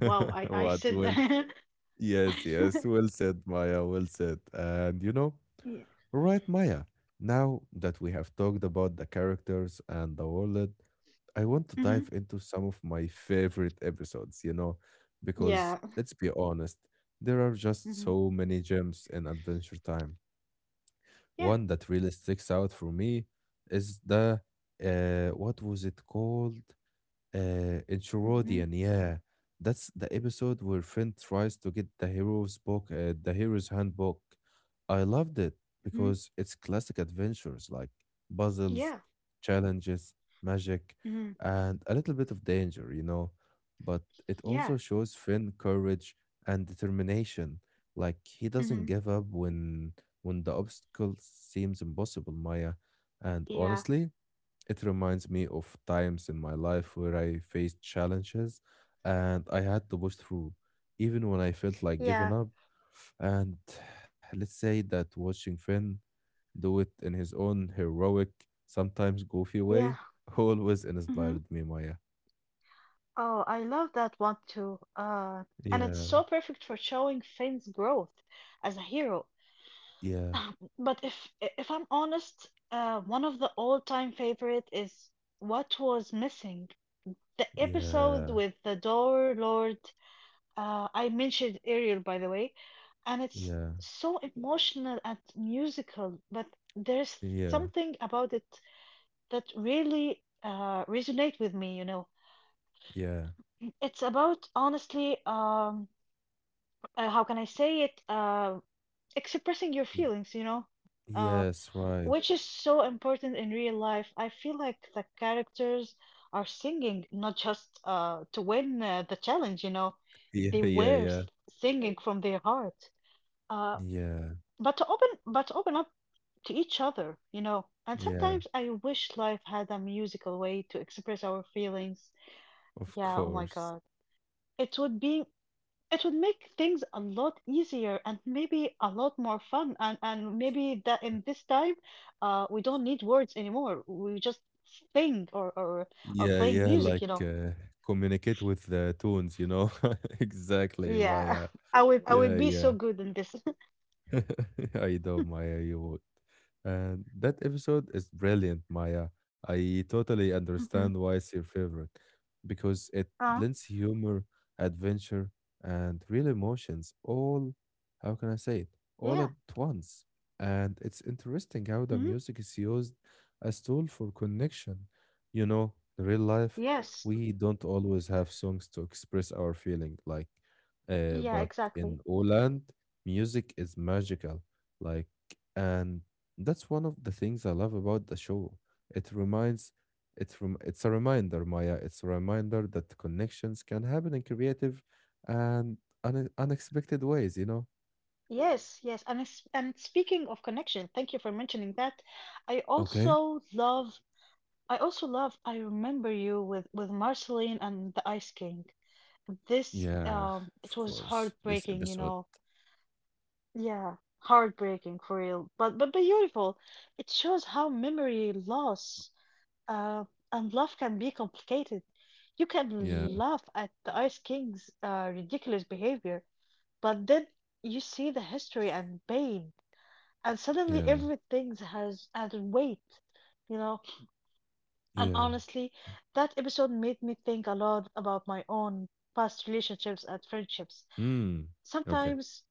[SPEAKER 2] Wow, I I
[SPEAKER 1] What
[SPEAKER 2] said
[SPEAKER 1] well
[SPEAKER 2] that.
[SPEAKER 1] Yes, yes. Well said, Maya. Well said. And
[SPEAKER 2] Yeah.
[SPEAKER 1] right, Maya. Now that we have talked about the characters and the world, I want to dive
[SPEAKER 2] Mhm.
[SPEAKER 1] into some of my favorite episodes, because
[SPEAKER 2] Yeah.
[SPEAKER 1] let's be honest, there are just
[SPEAKER 2] Mhm.
[SPEAKER 1] so many gems in Adventure Time.
[SPEAKER 2] Yeah.
[SPEAKER 1] One that really sticks out for me is the what was it called?
[SPEAKER 2] Mhm.
[SPEAKER 1] In Yeah, that's the episode where Finn tries to get the hero's handbook. I loved it
[SPEAKER 2] Mhm.
[SPEAKER 1] because it's classic adventures like puzzles,
[SPEAKER 2] Yeah.
[SPEAKER 1] challenges, magic,
[SPEAKER 2] Mhm.
[SPEAKER 1] and a little bit of danger. But it
[SPEAKER 2] Yeah.
[SPEAKER 1] also shows Finn courage and determination. Like he doesn't
[SPEAKER 2] Mhm.
[SPEAKER 1] give up when the obstacle seems impossible, Maya. And
[SPEAKER 2] Yeah.
[SPEAKER 1] honestly, it reminds me of times in my life where I faced challenges and I had to push through, even when I felt like giving
[SPEAKER 2] Yeah.
[SPEAKER 1] up. And let's say that watching Finn do it in his own heroic, sometimes goofy
[SPEAKER 2] Yeah.
[SPEAKER 1] way, always
[SPEAKER 2] Mhm.
[SPEAKER 1] inspired me, Maya.
[SPEAKER 2] Oh, I love that one too. And it's
[SPEAKER 1] Yeah,
[SPEAKER 2] so perfect for showing Finn's growth as a hero.
[SPEAKER 1] yeah,
[SPEAKER 2] But if I'm honest, one of the all-time favorite is What Was Missing, the episode
[SPEAKER 1] yeah,
[SPEAKER 2] with the Door Lord. I mentioned Ariel, by the way, and it's
[SPEAKER 1] yeah,
[SPEAKER 2] so emotional and musical, but there's
[SPEAKER 1] yeah,
[SPEAKER 2] something about it that really resonate with me, you know.
[SPEAKER 1] yeah.
[SPEAKER 2] It's about honestly, how can I say it? Expressing your
[SPEAKER 1] y-
[SPEAKER 2] feelings, you know, uh,
[SPEAKER 1] Yes, right.
[SPEAKER 2] which is so important in real life. I feel like the characters are singing not just to win the challenge, you know, they
[SPEAKER 1] Yeah, yeah,
[SPEAKER 2] were
[SPEAKER 1] yeah,
[SPEAKER 2] s- singing Right. from their heart. Uh,
[SPEAKER 1] yeah,
[SPEAKER 2] but to open up to each other, you know. And
[SPEAKER 1] yeah,
[SPEAKER 2] sometimes I wish life had a musical way to express our feelings,
[SPEAKER 1] of
[SPEAKER 2] yeah. Oh my
[SPEAKER 1] course.
[SPEAKER 2] god, it would be, it would make things a lot easier and maybe a lot more fun. And maybe that in this time we don't need words anymore, we just sing or
[SPEAKER 1] Yeah,
[SPEAKER 2] playing
[SPEAKER 1] yeah,
[SPEAKER 2] music, you
[SPEAKER 1] like
[SPEAKER 2] know.
[SPEAKER 1] communicate with the tones, you know? Exactly.
[SPEAKER 2] Yeah,
[SPEAKER 1] Via,
[SPEAKER 2] I
[SPEAKER 1] yeah,
[SPEAKER 2] would be so
[SPEAKER 1] yeah.
[SPEAKER 2] good in this.
[SPEAKER 1] I know, Maya, you would. And that episode is brilliant, Maya. I totally
[SPEAKER 2] Hmm.
[SPEAKER 1] understand why it's your favorite because it
[SPEAKER 2] uh
[SPEAKER 1] blends humor, adventure, and real emotions all, how can I say it, all
[SPEAKER 2] yeah.
[SPEAKER 1] at once. And it's interesting how the
[SPEAKER 2] Hmm.
[SPEAKER 1] music is used as tool for connection. You know, in real life,
[SPEAKER 2] Yes.
[SPEAKER 1] we don't always have songs to express our feeling, like,
[SPEAKER 2] Yeah,
[SPEAKER 1] but
[SPEAKER 2] exactly.
[SPEAKER 1] in Oland, Music is magical, like, and that's one of the things I love about the show. It reminds, it's a reminder, Maya. It's a reminder that connections can happen in creative and unexpected ways.
[SPEAKER 2] Yes, yes. And it's, and speaking of connection, thank you for mentioning that. I
[SPEAKER 1] Okay.
[SPEAKER 2] also love I also love I Remember You with Marceline and the Ice King. This
[SPEAKER 1] Yeah,
[SPEAKER 2] it
[SPEAKER 1] of
[SPEAKER 2] was
[SPEAKER 1] course. This
[SPEAKER 2] heartbreaking, you
[SPEAKER 1] episode.
[SPEAKER 2] know. Yeah, heartbreaking for real. But beautiful. It shows how memory loss uh and love can be complicated. You
[SPEAKER 1] Yeah,
[SPEAKER 2] can laugh at the Ice King's ridiculous behavior, but then you see the history and pain and suddenly
[SPEAKER 1] yeah,
[SPEAKER 2] everything has weight, you know. And
[SPEAKER 1] yeah.
[SPEAKER 2] honestly, that episode made me think a lot about my own past relationships and friendships.
[SPEAKER 1] Hmm. Okay.
[SPEAKER 2] sometimes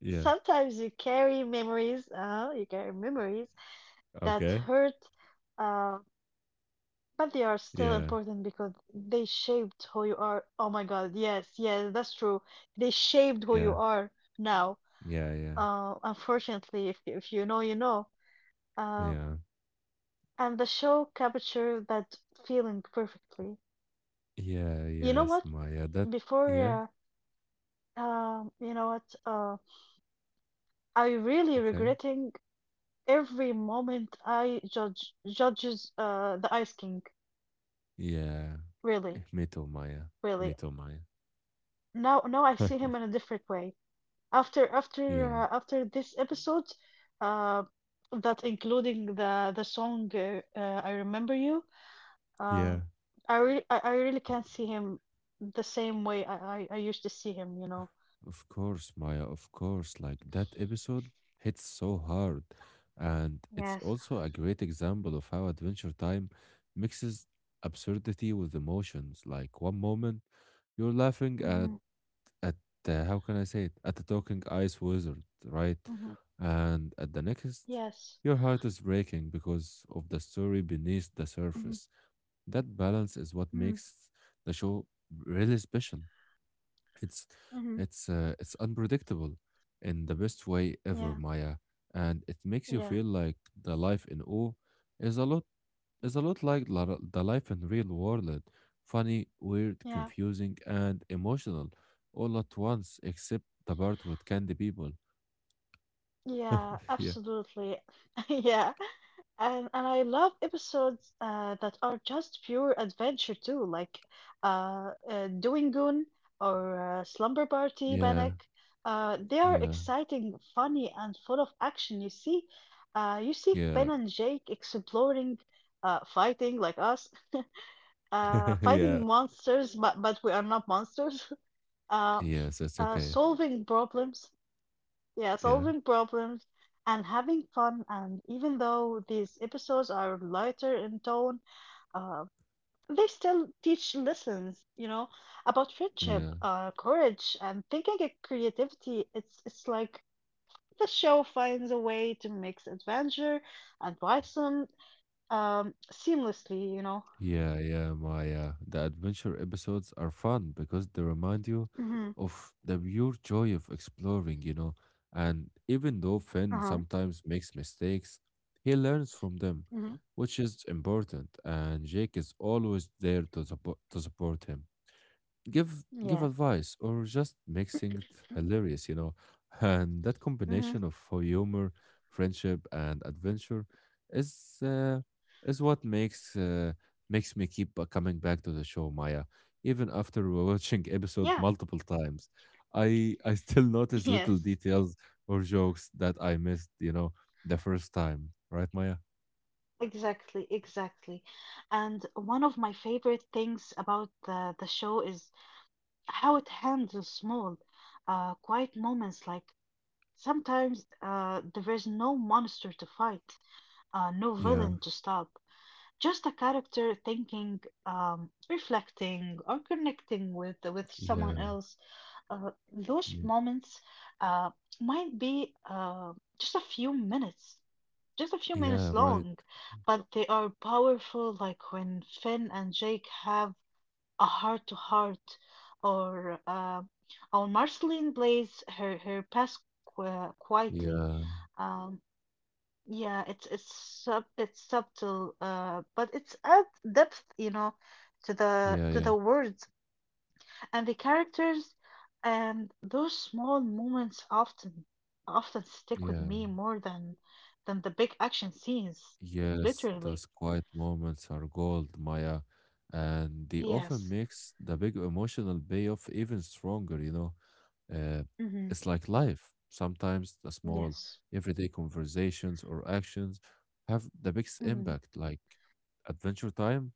[SPEAKER 1] Yeah.
[SPEAKER 2] Sometimes you carry memories, that
[SPEAKER 1] Okay.
[SPEAKER 2] hurt, uh, but they are still
[SPEAKER 1] Yeah.
[SPEAKER 2] important because they shaped who you are. Oh my god, yes, yes, that's true. They shaped who you
[SPEAKER 1] Yeah.
[SPEAKER 2] are Now,
[SPEAKER 1] Yeah. Yeah.
[SPEAKER 2] unfortunately if you know you know. Um,
[SPEAKER 1] Yeah.
[SPEAKER 2] And the show captured that feeling perfectly.
[SPEAKER 1] Yeah.
[SPEAKER 2] You know
[SPEAKER 1] Yes,
[SPEAKER 2] what?
[SPEAKER 1] Maya. That. Yeah.
[SPEAKER 2] Before, you know what? I really
[SPEAKER 1] Okay.
[SPEAKER 2] regretting every moment I judges the Ice King.
[SPEAKER 1] Yeah.
[SPEAKER 2] Really,
[SPEAKER 1] Metal Maya.
[SPEAKER 2] really.
[SPEAKER 1] Metal Maya.
[SPEAKER 2] Now, I see him in a different way.
[SPEAKER 1] Yeah.
[SPEAKER 2] After this episode, uh, that including the song, I Remember You. Uh,
[SPEAKER 1] Yeah.
[SPEAKER 2] I really, I really can't see him the same way I used to see him. You know.
[SPEAKER 1] Of course, Maya, of course. Like that episode hits so hard. And it's
[SPEAKER 2] Yes.
[SPEAKER 1] also a great example of how Adventure Time mixes absurdity with emotions. Like one moment,
[SPEAKER 2] Mhm.
[SPEAKER 1] you're laughing at. How can I say it? At the talking ice wizard,
[SPEAKER 2] Mhm.
[SPEAKER 1] right? And at the
[SPEAKER 2] Yes.
[SPEAKER 1] next, your heart is breaking because of the story beneath
[SPEAKER 2] Mhm.
[SPEAKER 1] the surface. That balance is
[SPEAKER 2] Mhm.
[SPEAKER 1] what makes the show really special. It's
[SPEAKER 2] Mhm.
[SPEAKER 1] it's unpredictable in the best way ever,
[SPEAKER 2] Yeah.
[SPEAKER 1] Maya, and it makes you
[SPEAKER 2] Yeah.
[SPEAKER 1] feel like the life in O is a lot like the life in real world like, funny, weird,
[SPEAKER 2] Yeah.
[SPEAKER 1] confusing, and emotional all at once, except the part with candy people.
[SPEAKER 2] Yeah.
[SPEAKER 1] Yeah.
[SPEAKER 2] Absolutely. Yeah. And I love episodes that are just pure adventure too, like Doing Goon or Slumber Party
[SPEAKER 1] Yeah,
[SPEAKER 2] Panic. They are
[SPEAKER 1] yeah,
[SPEAKER 2] exciting, funny, and full of action. You see Finn
[SPEAKER 1] yeah.
[SPEAKER 2] and Jake exploring, fighting like us, fighting
[SPEAKER 1] Yeah.
[SPEAKER 2] monsters, but we are not monsters. Uh,
[SPEAKER 1] Yes, it's okay.
[SPEAKER 2] Solving problems, yeah,
[SPEAKER 1] Yeah,
[SPEAKER 2] solving problems and having fun. And even though these episodes are lighter in tone, uh, they still teach lessons, you know, about friendship,
[SPEAKER 1] yeah.
[SPEAKER 2] courage, and thinking and creativity. It's like the show finds a way to mix adventure and wisdom, seamlessly, you know.
[SPEAKER 1] Yeah, yeah, my the adventure episodes are fun because they remind you
[SPEAKER 2] Mm-hmm.
[SPEAKER 1] of the pure joy of exploring. And even though
[SPEAKER 2] Uh-huh.
[SPEAKER 1] Finn sometimes makes mistakes, he learns from them,
[SPEAKER 2] Mm-hmm. Mhm.
[SPEAKER 1] which is important. And Jake is always there to support him, give
[SPEAKER 2] Yeah.
[SPEAKER 1] advice or just make things hilarious. And that
[SPEAKER 2] Mm-hmm.
[SPEAKER 1] combination of humor, friendship, and adventure is uh, is what makes me keep coming back to the show, Maya. Even after
[SPEAKER 2] Yeah,
[SPEAKER 1] watching episode multiple times, I still
[SPEAKER 2] yes,
[SPEAKER 1] notice little details or jokes that I missed, the first time, right, Maya?
[SPEAKER 2] exactly, exactly. And one of my favorite things about the show is how it handles small, quiet moments. Like sometimes there is no monster to fight, no
[SPEAKER 1] Yeah,
[SPEAKER 2] villain to stop, just a character thinking, reflecting, or connecting with someone
[SPEAKER 1] yeah,
[SPEAKER 2] else. Those
[SPEAKER 1] yeah,
[SPEAKER 2] moments, uh, might be just a few minutes just a few minutes
[SPEAKER 1] yeah, right.
[SPEAKER 2] long, but they are powerful. Like when Finn and Jake have a heart to heart, or Marceline plays her past quietly.
[SPEAKER 1] Yeah,
[SPEAKER 2] Um, yeah, it's sub it's subtle, but it's adds depth, you know, to
[SPEAKER 1] yeah, yeah,
[SPEAKER 2] the words and the characters, and those small moments often stick with
[SPEAKER 1] yeah.
[SPEAKER 2] me more than the big action scenes,
[SPEAKER 1] Yes,
[SPEAKER 2] literally.
[SPEAKER 1] those quiet moments are gold, Maya, and they often
[SPEAKER 2] Yes.
[SPEAKER 1] makes the big emotional payoff even stronger. Uh,
[SPEAKER 2] Hmm.
[SPEAKER 1] it's like life. Sometimes the small
[SPEAKER 2] Yes.
[SPEAKER 1] everyday conversations or actions have the biggest
[SPEAKER 2] Hmm.
[SPEAKER 1] impact. Like Adventure Time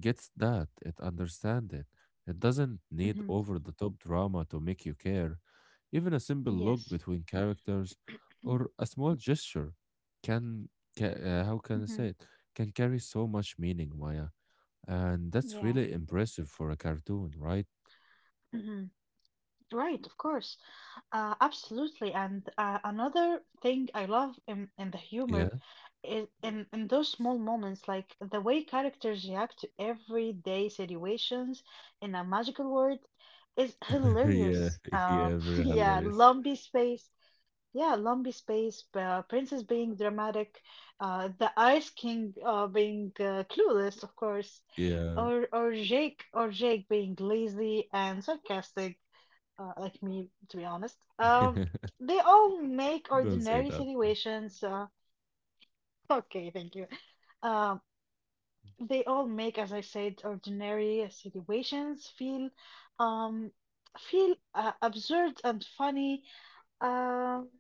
[SPEAKER 1] gets that, it understands it. It doesn't need
[SPEAKER 2] Hmm.
[SPEAKER 1] over the top drama to make you care. Even a simple look
[SPEAKER 2] Yes.
[SPEAKER 1] between characters or a small gesture can ca How can I
[SPEAKER 2] Hmm.
[SPEAKER 1] say it? Can carry so much meaning, Maya. And that's
[SPEAKER 2] Yeah.
[SPEAKER 1] really impressive for a cartoon, right?
[SPEAKER 2] Hmm. Right, of course. Absolutely, and another thing I love in the humor
[SPEAKER 1] Yeah.
[SPEAKER 2] is in those small moments, like the way characters react to everyday situations in a magical world is hilarious.
[SPEAKER 1] Yeah. Yeah. Very
[SPEAKER 2] Yeah,
[SPEAKER 1] hilarious.
[SPEAKER 2] lumpy space. Yeah, lumpy space. Princess being dramatic. The Ice King being clueless, of course,
[SPEAKER 1] Yeah.
[SPEAKER 2] or Jake being lazy and sarcastic, like me, to be honest. They all make
[SPEAKER 1] Don't say
[SPEAKER 2] ordinary
[SPEAKER 1] that, Maya.
[SPEAKER 2] situations. Okay, thank you. Um, they all make, as I said, ordinary situations feel, um, absurd and funny. Um,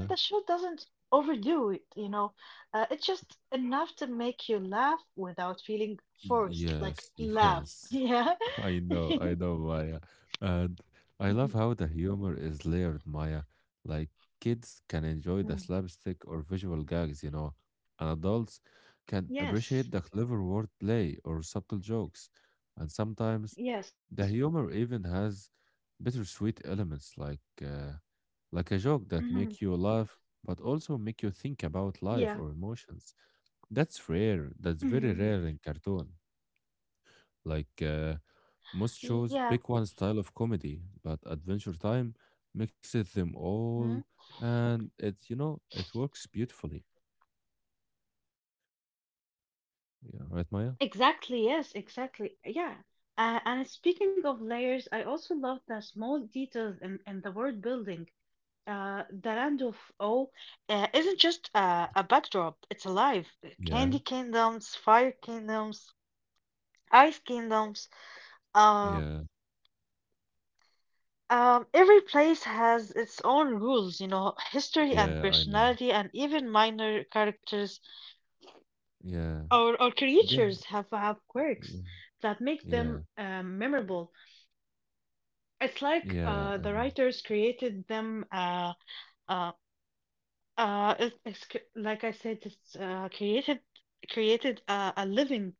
[SPEAKER 2] and the show doesn't overdo it. You know, it's just enough to make you laugh without feeling forced. Like
[SPEAKER 1] Yes,
[SPEAKER 2] laugh,
[SPEAKER 1] yes.
[SPEAKER 2] yeah.
[SPEAKER 1] I know, Maya. And I love
[SPEAKER 2] Mhm,
[SPEAKER 1] how the humor is layered, Maya. Like kids can
[SPEAKER 2] mhm.
[SPEAKER 1] enjoy the slapstick or visual gags, and adults can
[SPEAKER 2] Yes,
[SPEAKER 1] appreciate the clever wordplay or subtle jokes. And sometimes
[SPEAKER 2] yes,
[SPEAKER 1] the humor even has bittersweet elements, like like a joke that make
[SPEAKER 2] mhm.
[SPEAKER 1] you laugh, but also make you think about life
[SPEAKER 2] Yeah.
[SPEAKER 1] or emotions. That's rare. That's very
[SPEAKER 2] Mhm.
[SPEAKER 1] rare in cartoon. Like most shows
[SPEAKER 2] Yeah.
[SPEAKER 1] pick one style of comedy, but Adventure Time mixes them all,
[SPEAKER 2] Mhm.
[SPEAKER 1] and it's you know it works beautifully. Yeah, right, Maya.
[SPEAKER 2] Exactly. Yes, exactly. Yeah. And speaking of layers, I also love the small details in the world building. The Land of O isn't just a backdrop, it's alive. Candy
[SPEAKER 1] Yeah,
[SPEAKER 2] kingdoms, fire kingdoms, ice kingdoms. Uh,
[SPEAKER 1] yeah,
[SPEAKER 2] every place has its own rules, you know, history and
[SPEAKER 1] yeah. I know.
[SPEAKER 2] personality, and even minor characters
[SPEAKER 1] Yeah,
[SPEAKER 2] or
[SPEAKER 1] yeah,
[SPEAKER 2] creatures have quirks
[SPEAKER 1] yeah,
[SPEAKER 2] that make them,
[SPEAKER 1] yeah,
[SPEAKER 2] memorable. It's like
[SPEAKER 1] yeah, I
[SPEAKER 2] the
[SPEAKER 1] know.
[SPEAKER 2] writers created them. Uh, it's c- like I said, it's created a living,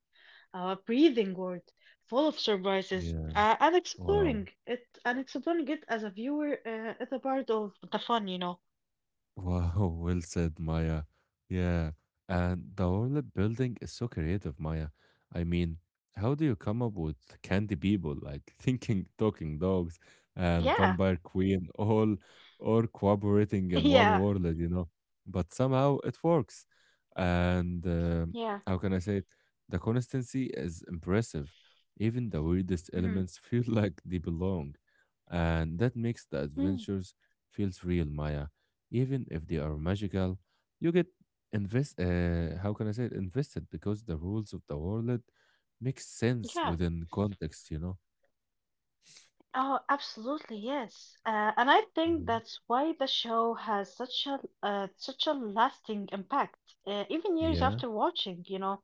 [SPEAKER 2] breathing world full of surprises
[SPEAKER 1] Yeah.
[SPEAKER 2] and
[SPEAKER 1] Wow.
[SPEAKER 2] exploring it as a viewer is a part of the fun.
[SPEAKER 1] Wow, well said, Maya. Yeah, and the world building is so creative, Maya. I mean, how do you come up with candy people like thinking talking dogs
[SPEAKER 2] Yeah,
[SPEAKER 1] and vampire queen all or cooperating
[SPEAKER 2] yeah,
[SPEAKER 1] in one world? But somehow it works. And
[SPEAKER 2] yeah,
[SPEAKER 1] How can I say it? The consistency is impressive. Even the weirdest
[SPEAKER 2] hmm
[SPEAKER 1] elements feel like they belong. And that makes the
[SPEAKER 2] Mhm.
[SPEAKER 1] adventures feels real, Maya, even if they are magical. You get invest. How can I say it? Invested because the rules of the world make sense
[SPEAKER 2] yeah.
[SPEAKER 1] within context. You know.
[SPEAKER 2] Oh, absolutely, yes. And I think
[SPEAKER 1] hmm
[SPEAKER 2] that's why the show has such a such a lasting impact. Even years
[SPEAKER 1] Yeah,
[SPEAKER 2] after watching, you know,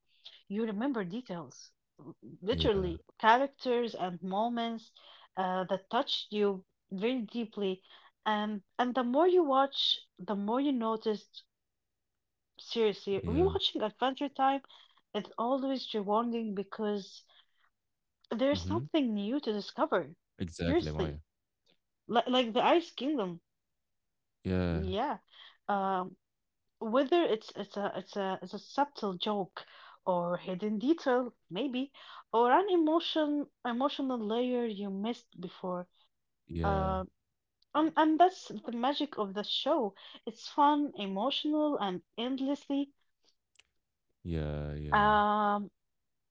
[SPEAKER 2] you remember details, l-
[SPEAKER 1] yeah,
[SPEAKER 2] literally characters and moments that touched you very deeply. And the more you watch, the more you notice. Seriously,
[SPEAKER 1] yeah.
[SPEAKER 2] rewatching Adventure Time is always rewarding because there's
[SPEAKER 1] Mm-hmm.
[SPEAKER 2] something new to discover.
[SPEAKER 1] Exactly,
[SPEAKER 2] Seriously,
[SPEAKER 1] Maya.
[SPEAKER 2] like the Ice Kingdom.
[SPEAKER 1] Yeah,
[SPEAKER 2] Yeah. Um, whether it's a subtle joke or hidden detail, maybe, or an emotional layer you missed before.
[SPEAKER 1] yeah,
[SPEAKER 2] Uh, and that's the magic of the show. It's fun, emotional, and
[SPEAKER 1] yeah, yeah.
[SPEAKER 2] um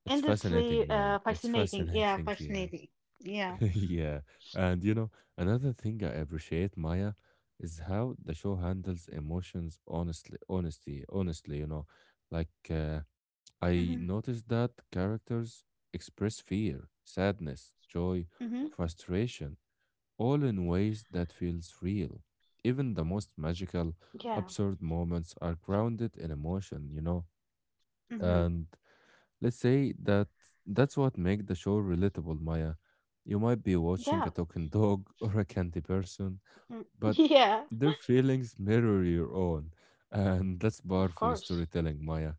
[SPEAKER 1] It's fascinating,
[SPEAKER 2] endlessly
[SPEAKER 1] Maya. It's
[SPEAKER 2] fascinating. Yeah,
[SPEAKER 1] fascinating, yeah.
[SPEAKER 2] fascinating. Yeah.
[SPEAKER 1] Yeah. And you know, another thing I appreciate, Maya, is how the show handles emotions honestly, you know. Like uh,
[SPEAKER 2] Mm-hmm.
[SPEAKER 1] I noticed that characters express fear, sadness, joy,
[SPEAKER 2] Mm-hmm.
[SPEAKER 1] frustration, all in ways that feels real. Even the most magical,
[SPEAKER 2] Yeah.
[SPEAKER 1] absurd moments are grounded in emotion, you know.
[SPEAKER 2] Mm-hmm.
[SPEAKER 1] And let's say that that's what makes the show relatable, Maya. You might be watching a
[SPEAKER 2] Yeah.
[SPEAKER 1] talking dog or a candy person,
[SPEAKER 2] mhm.
[SPEAKER 1] but
[SPEAKER 2] Yeah.
[SPEAKER 1] their feelings mirror your own. And that's
[SPEAKER 2] Of
[SPEAKER 1] powerful
[SPEAKER 2] course.
[SPEAKER 1] storytelling, Maya.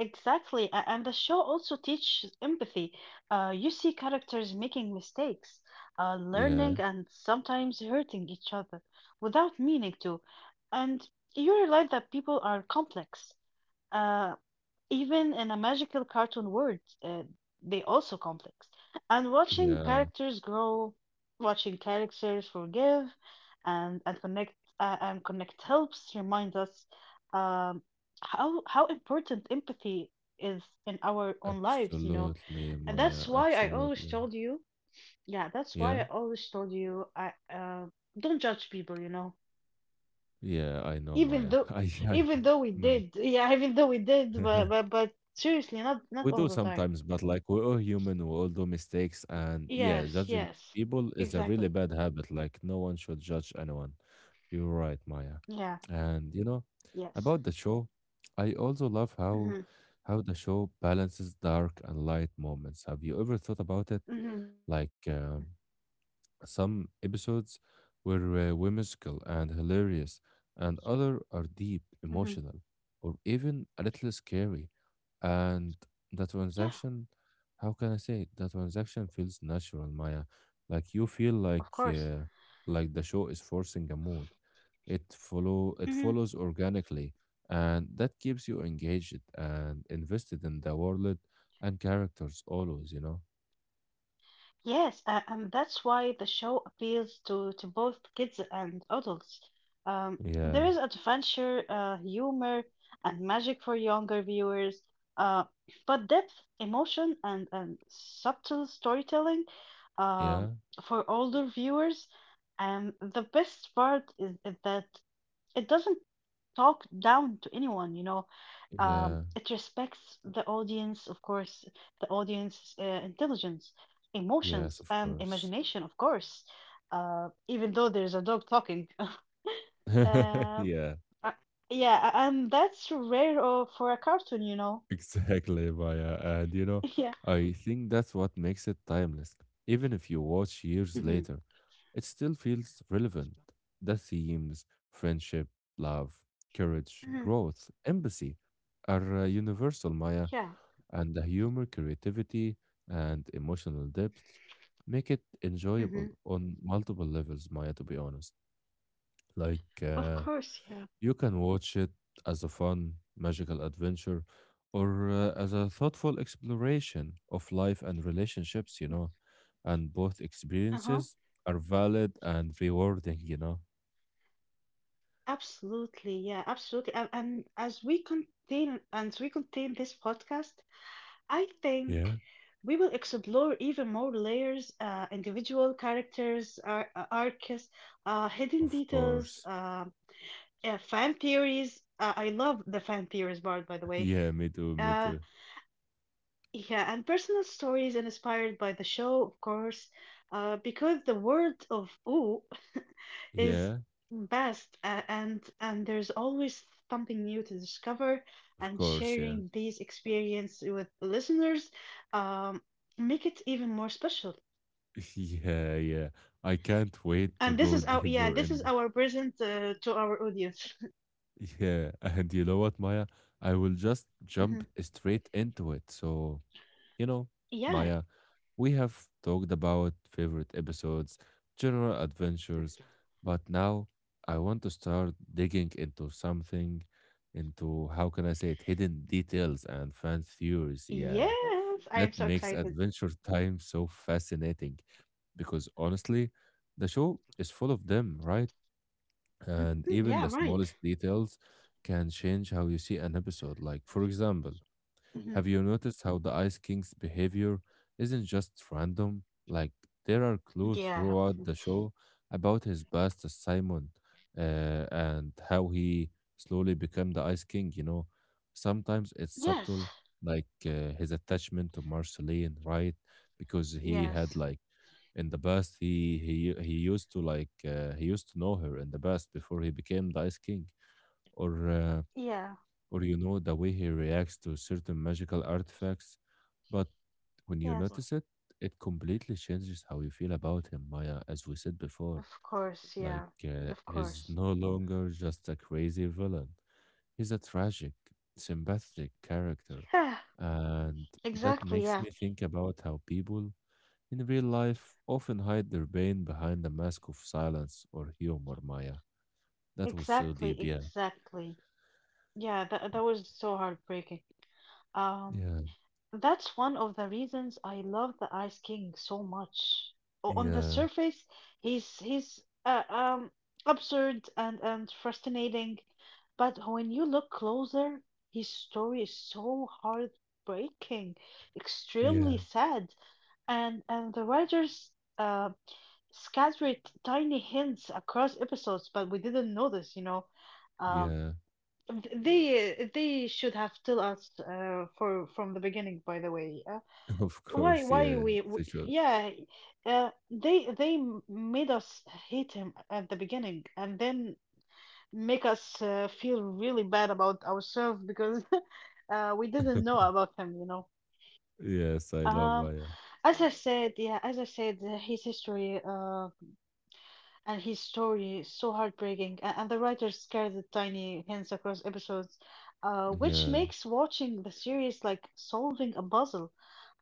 [SPEAKER 2] Exactly. And the show also teaches empathy. You see characters making mistakes,
[SPEAKER 1] Yeah,
[SPEAKER 2] learning, and sometimes hurting each other without meaning to. And you realize that people are complex. Uh, even in a magical cartoon world, they also complex. And watching
[SPEAKER 1] yeah.
[SPEAKER 2] characters grow, watching characters forgive, and and connect and connect helps remind us um, how important empathy is in our own lives. You know,
[SPEAKER 1] Absolutely,
[SPEAKER 2] and that's
[SPEAKER 1] Maya.
[SPEAKER 2] why I always
[SPEAKER 1] Absolutely.
[SPEAKER 2] told you. Yeah, that's why
[SPEAKER 1] Yeah.
[SPEAKER 2] I always told you. I don't judge people. You know,
[SPEAKER 1] Yeah, I know, Maya.
[SPEAKER 2] even though
[SPEAKER 1] I
[SPEAKER 2] even though we
[SPEAKER 1] know.
[SPEAKER 2] did, yeah, even though we did, but but but seriously, not not
[SPEAKER 1] We
[SPEAKER 2] all
[SPEAKER 1] do
[SPEAKER 2] the time.
[SPEAKER 1] sometimes, but like we're all human, we all do mistakes. And yeah,
[SPEAKER 2] Yes,
[SPEAKER 1] judging
[SPEAKER 2] yes.
[SPEAKER 1] people is a really
[SPEAKER 2] Exactly.
[SPEAKER 1] bad habit. Like, no one should judge anyone. You're right, Maya.
[SPEAKER 2] Yeah.
[SPEAKER 1] And you know,
[SPEAKER 2] Yes.
[SPEAKER 1] about the show, I also love how
[SPEAKER 2] Mhm.
[SPEAKER 1] how the show balances dark and light moments. Have you ever thought about it?
[SPEAKER 2] Mhm.
[SPEAKER 1] Like, um, Some episodes were whimsical and hilarious, and other are deep,
[SPEAKER 2] Mhm.
[SPEAKER 1] emotional, or even a little scary. And the
[SPEAKER 2] Yeah,
[SPEAKER 1] transaction, how can I say it? The transaction feels natural, Maya. Like you feel
[SPEAKER 2] of course.
[SPEAKER 1] like the show is forcing a mood. It follow it
[SPEAKER 2] Mhm.
[SPEAKER 1] follows organically, and that keeps you engaged and invested in the world and characters always. You know.
[SPEAKER 2] Yes, and that's why the show appeals to both kids and adults.
[SPEAKER 1] Yeah.
[SPEAKER 2] There is adventure, humor, and magic for younger viewers. Uh, but depth, emotion, and subtle storytelling, um,
[SPEAKER 1] Yeah.
[SPEAKER 2] for older viewers. And the best part is that it doesn't talk down to anyone, you know.
[SPEAKER 1] Yeah.
[SPEAKER 2] It respects the audience, of course, the audience intelligence,
[SPEAKER 1] Yes,
[SPEAKER 2] emotions,
[SPEAKER 1] of
[SPEAKER 2] and
[SPEAKER 1] course.
[SPEAKER 2] imagination, of course. Even though there's a dog talking. Uh,
[SPEAKER 1] Yeah,
[SPEAKER 2] uh, and that's rare for a cartoon, you know.
[SPEAKER 1] exactly, Maya. And you know,
[SPEAKER 2] Yeah.
[SPEAKER 1] I think that's what makes it timeless. Even if you watch years
[SPEAKER 2] hmm
[SPEAKER 1] later, it still feels relevant. The themes, friendship, love, courage,
[SPEAKER 2] hmm
[SPEAKER 1] growth, empathy are universal,
[SPEAKER 2] Yeah.
[SPEAKER 1] Maya, and the humor, creativity, and emotional depth make it
[SPEAKER 2] hmm
[SPEAKER 1] enjoyable on multiple levels, Maya, to be honest. Like,
[SPEAKER 2] Of
[SPEAKER 1] uh,
[SPEAKER 2] course, yeah.
[SPEAKER 1] You can watch it as a fun, magical adventure or as a thoughtful exploration of life and relationships, you know. And both
[SPEAKER 2] Uh-huh.
[SPEAKER 1] experiences are valid and rewarding, you know.
[SPEAKER 2] Absolutely, yeah, absolutely. And as we contain this podcast, I think
[SPEAKER 1] Yeah.
[SPEAKER 2] we will explore even more layers, individual characters, arcs, hidden
[SPEAKER 1] Of
[SPEAKER 2] details,
[SPEAKER 1] course.
[SPEAKER 2] yeah, fan theories. I love the fan theories part, by the way.
[SPEAKER 1] Yeah, me too, me
[SPEAKER 2] Uh,
[SPEAKER 1] too.
[SPEAKER 2] yeah, and personal stories inspired by the show, of course, because the world of ooh is
[SPEAKER 1] Yeah,
[SPEAKER 2] best, and there's always something new to discover,
[SPEAKER 1] of
[SPEAKER 2] and
[SPEAKER 1] course, yeah.
[SPEAKER 2] sharing these experience with listeners um, make it even more special.
[SPEAKER 1] Yeah, yeah. I can't wait to
[SPEAKER 2] And this
[SPEAKER 1] go
[SPEAKER 2] is our yeah,
[SPEAKER 1] deeper
[SPEAKER 2] this is
[SPEAKER 1] and
[SPEAKER 2] our present to our audience.
[SPEAKER 1] yeah, and you know what, Maya? I will just
[SPEAKER 2] Mhm.
[SPEAKER 1] jump straight into it. So you know,
[SPEAKER 2] Yeah,
[SPEAKER 1] Maya, we have talked about favorite episodes, general adventures, but now I want to start digging into something, into how can I say it, hidden details and fan theories. Yeah,
[SPEAKER 2] yes, I am so
[SPEAKER 1] that makes
[SPEAKER 2] excited.
[SPEAKER 1] Adventure Time so fascinating because honestly, the show is full of them, right?
[SPEAKER 2] Mm,
[SPEAKER 1] And even the
[SPEAKER 2] Yeah, right.
[SPEAKER 1] smallest details can change how you see an episode. Like, for example,
[SPEAKER 2] Mm.
[SPEAKER 1] have
[SPEAKER 2] Mhm.
[SPEAKER 1] you noticed how the Ice King's behavior isn't just random? Like, there are clues
[SPEAKER 2] Yeah,
[SPEAKER 1] throughout the show about his past as Simon and how he slowly became the Ice King, you know? Sometimes it's subtle,
[SPEAKER 2] yes,
[SPEAKER 1] like his attachment to Marceline, right? Because he had,
[SPEAKER 2] yes,
[SPEAKER 1] like, in the past, he used to, like, he used to know her in the past before he became the Ice King. Or, uh,
[SPEAKER 2] yeah.
[SPEAKER 1] or you know the way he reacts to certain magical artifacts. But when you
[SPEAKER 2] Yes,
[SPEAKER 1] notice it, it completely changes how you feel about him, Maya, as we said before.
[SPEAKER 2] of course.
[SPEAKER 1] Like,
[SPEAKER 2] Yeah, of
[SPEAKER 1] he's
[SPEAKER 2] course.
[SPEAKER 1] no longer just a crazy villain, he's a tragic, sympathetic character.
[SPEAKER 2] Yeah,
[SPEAKER 1] And that
[SPEAKER 2] exactly.
[SPEAKER 1] makes
[SPEAKER 2] Yeah,
[SPEAKER 1] me think about how people in real life often hide their pain behind the mask of silence or humor, Maya. That was so
[SPEAKER 2] exactly.
[SPEAKER 1] deep, yeah.
[SPEAKER 2] Exactly. Yeah, that that was so heartbreaking. Um,
[SPEAKER 1] Yeah,
[SPEAKER 2] that's one of the reasons I love the Ice King so much. On the
[SPEAKER 1] yeah,
[SPEAKER 2] surface, he's uh, um absurd and frustrating, but when you look closer, his story is so heartbreaking, extremely
[SPEAKER 1] yeah,
[SPEAKER 2] sad, and the writers. Uh. Scattered tiny hints across episodes, but we didn't notice, you know. Um,
[SPEAKER 1] yeah.
[SPEAKER 2] they should have told us for from the beginning, by the way.
[SPEAKER 1] Of course,
[SPEAKER 2] Why
[SPEAKER 1] yeah,
[SPEAKER 2] we, w
[SPEAKER 1] they should.
[SPEAKER 2] yeah, they m- made us hate him at the beginning and then make us feel really bad about ourselves because we didn't know about him, you know.
[SPEAKER 1] Yes, I love
[SPEAKER 2] Um,
[SPEAKER 1] Maya.
[SPEAKER 2] as I said, yeah, as I said, his history. And his story is so heartbreaking and the writer scattered tiny hints across episodes, which
[SPEAKER 1] Yeah,
[SPEAKER 2] makes watching the series like solving a puzzle.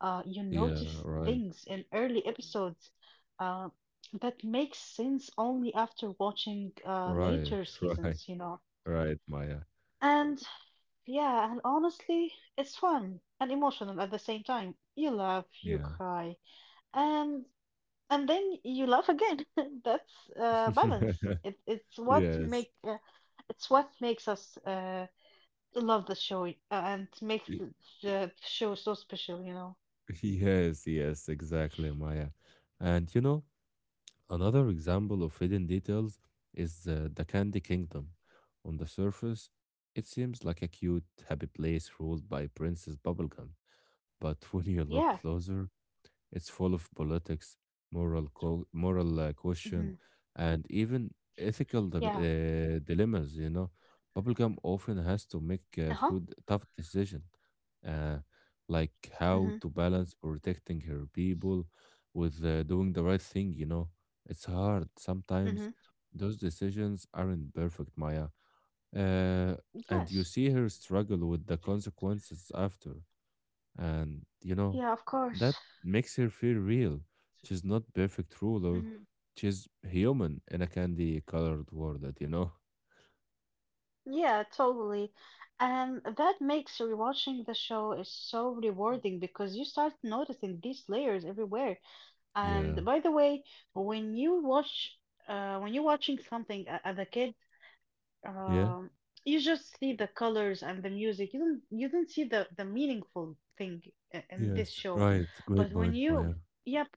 [SPEAKER 2] Uh, you
[SPEAKER 1] yeah,
[SPEAKER 2] notice
[SPEAKER 1] right,
[SPEAKER 2] things in early episodes uh, that make sense only after watching
[SPEAKER 1] right,
[SPEAKER 2] later
[SPEAKER 1] right,
[SPEAKER 2] seasons, you know.
[SPEAKER 1] right, Maya.
[SPEAKER 2] And yeah, and honestly, it's fun and emotional at the same time. You laugh, you
[SPEAKER 1] Yeah.
[SPEAKER 2] cry, and and then you laugh again. That's balance. It, it's what
[SPEAKER 1] Yes.
[SPEAKER 2] make uh, it's what makes us love the show and makes
[SPEAKER 1] y-
[SPEAKER 2] the show so special. You know.
[SPEAKER 1] Yes, yes, exactly, Maya. And you know, another example of hidden details is the Candy Kingdom. On the surface, it seems like a cute, happy place ruled by Princess Bubblegum. But when you look
[SPEAKER 2] Yeah.
[SPEAKER 1] closer, it's full of politics, moral
[SPEAKER 2] hmm
[SPEAKER 1] question, and even
[SPEAKER 2] Yeah.
[SPEAKER 1] dilemmas. You know, bubblegum often has
[SPEAKER 2] Uh
[SPEAKER 1] to
[SPEAKER 2] huh.
[SPEAKER 1] make tough decision, uh, like
[SPEAKER 2] hmm
[SPEAKER 1] how to balance protecting her people with doing the right thing. You know, it's hard
[SPEAKER 2] hmm
[SPEAKER 1] sometimes. Those decisions aren't perfect, Maya. Uh, and you
[SPEAKER 2] Yes.
[SPEAKER 1] see her struggle with the consequences after. And, you know,
[SPEAKER 2] Yeah. Of course.
[SPEAKER 1] that makes her feel real. She's not perfect ruler.
[SPEAKER 2] Hmm
[SPEAKER 1] She's human in a candy colored world, that, you know?
[SPEAKER 2] Yeah. Totally. And that makes rewatching the show is so rewarding because you start noticing these layers everywhere.
[SPEAKER 1] Yeah.
[SPEAKER 2] And by the way, when you're watching something as a kid,
[SPEAKER 1] Yeah.
[SPEAKER 2] um, you just see the colors and the music. You don't see the meaningful thing in this
[SPEAKER 1] Yes.
[SPEAKER 2] show.
[SPEAKER 1] Right.
[SPEAKER 2] But
[SPEAKER 1] Great
[SPEAKER 2] when
[SPEAKER 1] point,
[SPEAKER 2] you
[SPEAKER 1] Maya.
[SPEAKER 2] yep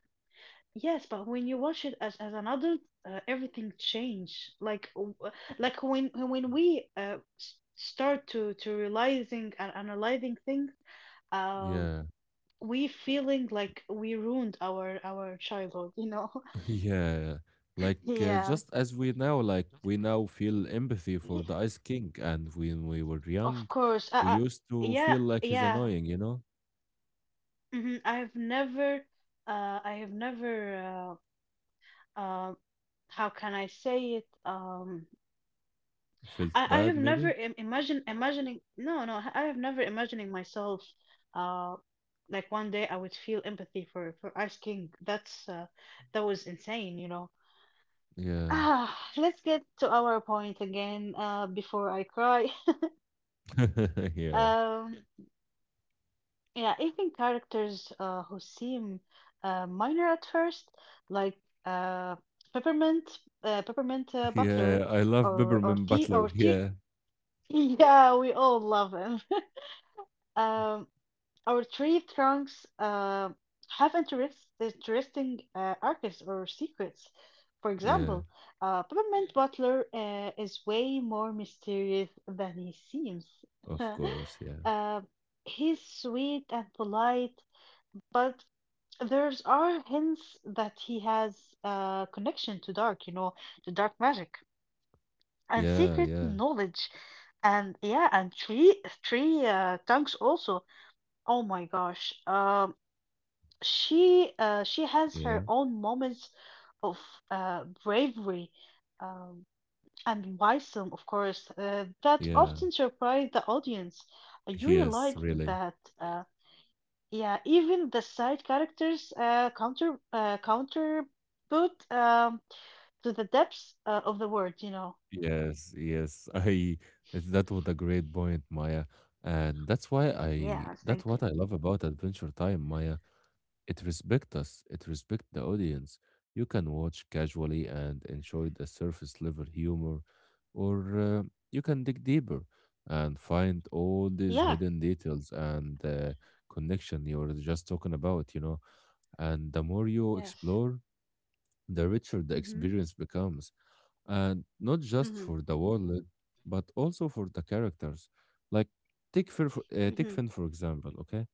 [SPEAKER 2] yes, but when you watch it as an adult, everything change. Like when we start to realizing and analyzing things um
[SPEAKER 1] Yeah.
[SPEAKER 2] we feeling like we ruined our childhood. You know.
[SPEAKER 1] Yeah. Like
[SPEAKER 2] Yeah,
[SPEAKER 1] just as we now like we now feel empathy for
[SPEAKER 2] yeah,
[SPEAKER 1] the Ice King and when we were young,
[SPEAKER 2] of course.
[SPEAKER 1] we used to
[SPEAKER 2] Yeah,
[SPEAKER 1] feel like he's
[SPEAKER 2] yeah.
[SPEAKER 1] annoying, you know?
[SPEAKER 2] hmm I've never, I have never, uh, uh, how can I say it?
[SPEAKER 1] Felt
[SPEAKER 2] I
[SPEAKER 1] bad
[SPEAKER 2] have never
[SPEAKER 1] maybe?
[SPEAKER 2] im imagine imagining. No, no, I have never imagining myself. Uh, like one day I would feel empathy for Ice King. That was insane, you know.
[SPEAKER 1] Yeah.
[SPEAKER 2] Ah, let's get to our point again. Before I cry.
[SPEAKER 1] yeah.
[SPEAKER 2] Um. Yeah, even characters who seem minor at first, like uh, Peppermint, Peppermint Butler,
[SPEAKER 1] Yeah. I love
[SPEAKER 2] or
[SPEAKER 1] Peppermint Butler.
[SPEAKER 2] the
[SPEAKER 1] Yeah.
[SPEAKER 2] yeah, we all love him. Um, our three trunks interesting arcs or secrets. For
[SPEAKER 1] Yeah.
[SPEAKER 2] example, Peppermint Butler is way more mysterious than he seems.
[SPEAKER 1] Of course, yeah.
[SPEAKER 2] Uh, he's sweet and polite, but there's are hints that he has a connection to dark, you know, to dark magic and
[SPEAKER 1] Yeah,
[SPEAKER 2] secret
[SPEAKER 1] yeah,
[SPEAKER 2] knowledge, and yeah, and three tongues also. Oh my gosh, she has her
[SPEAKER 1] yeah,
[SPEAKER 2] own moments of bravery um, and wisdom, of course, that
[SPEAKER 1] yeah.
[SPEAKER 2] often surprise the audience. You realize
[SPEAKER 1] Yes, really.
[SPEAKER 2] that. Yeah, even the side characters counterput to the depths of the word, you know.
[SPEAKER 1] Yes, yes. I that was a great point, Maya. And
[SPEAKER 2] Yeah,
[SPEAKER 1] that's
[SPEAKER 2] thank you.
[SPEAKER 1] what
[SPEAKER 2] Right.
[SPEAKER 1] I love about Adventure Time, Maya. It respects us, it respects the audience. You can watch
[SPEAKER 2] Yeah, of Okay.
[SPEAKER 1] casually
[SPEAKER 2] course.
[SPEAKER 1] and enjoy the surface level humor, or you can dig deeper and find all
[SPEAKER 2] Yeah,
[SPEAKER 1] these hidden details and connection you were just talking about, you know, and the more you
[SPEAKER 2] yes.
[SPEAKER 1] explore the richer the
[SPEAKER 2] Mm-hmm.
[SPEAKER 1] experience becomes, and not just
[SPEAKER 2] Mm-hmm.
[SPEAKER 1] for the wallet, but also for the characters. Like take
[SPEAKER 2] Mm-hmm.
[SPEAKER 1] Finn for example. Okay,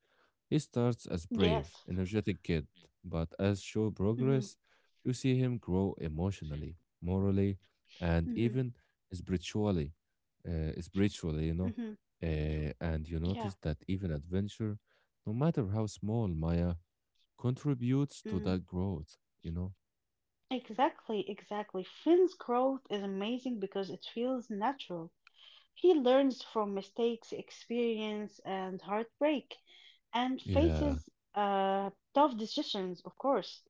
[SPEAKER 1] he starts as brave,
[SPEAKER 2] Yes.
[SPEAKER 1] energetic kid, but as show
[SPEAKER 2] Mm-hmm. Right.
[SPEAKER 1] progress, you see him grow emotionally, morally, and
[SPEAKER 2] Mm-hmm.
[SPEAKER 1] even spiritually. Spiritually, you know,
[SPEAKER 2] Mm-hmm.
[SPEAKER 1] and you
[SPEAKER 2] Yeah.
[SPEAKER 1] notice that even adventure, no matter how small, Maya, contributes to
[SPEAKER 2] Mm.
[SPEAKER 1] that growth. You know.
[SPEAKER 2] Exactly, exactly. Finn's growth is amazing because it feels natural. He learns from mistakes, experience, and heartbreak, and
[SPEAKER 1] Yeah.
[SPEAKER 2] faces tough decisions, of course.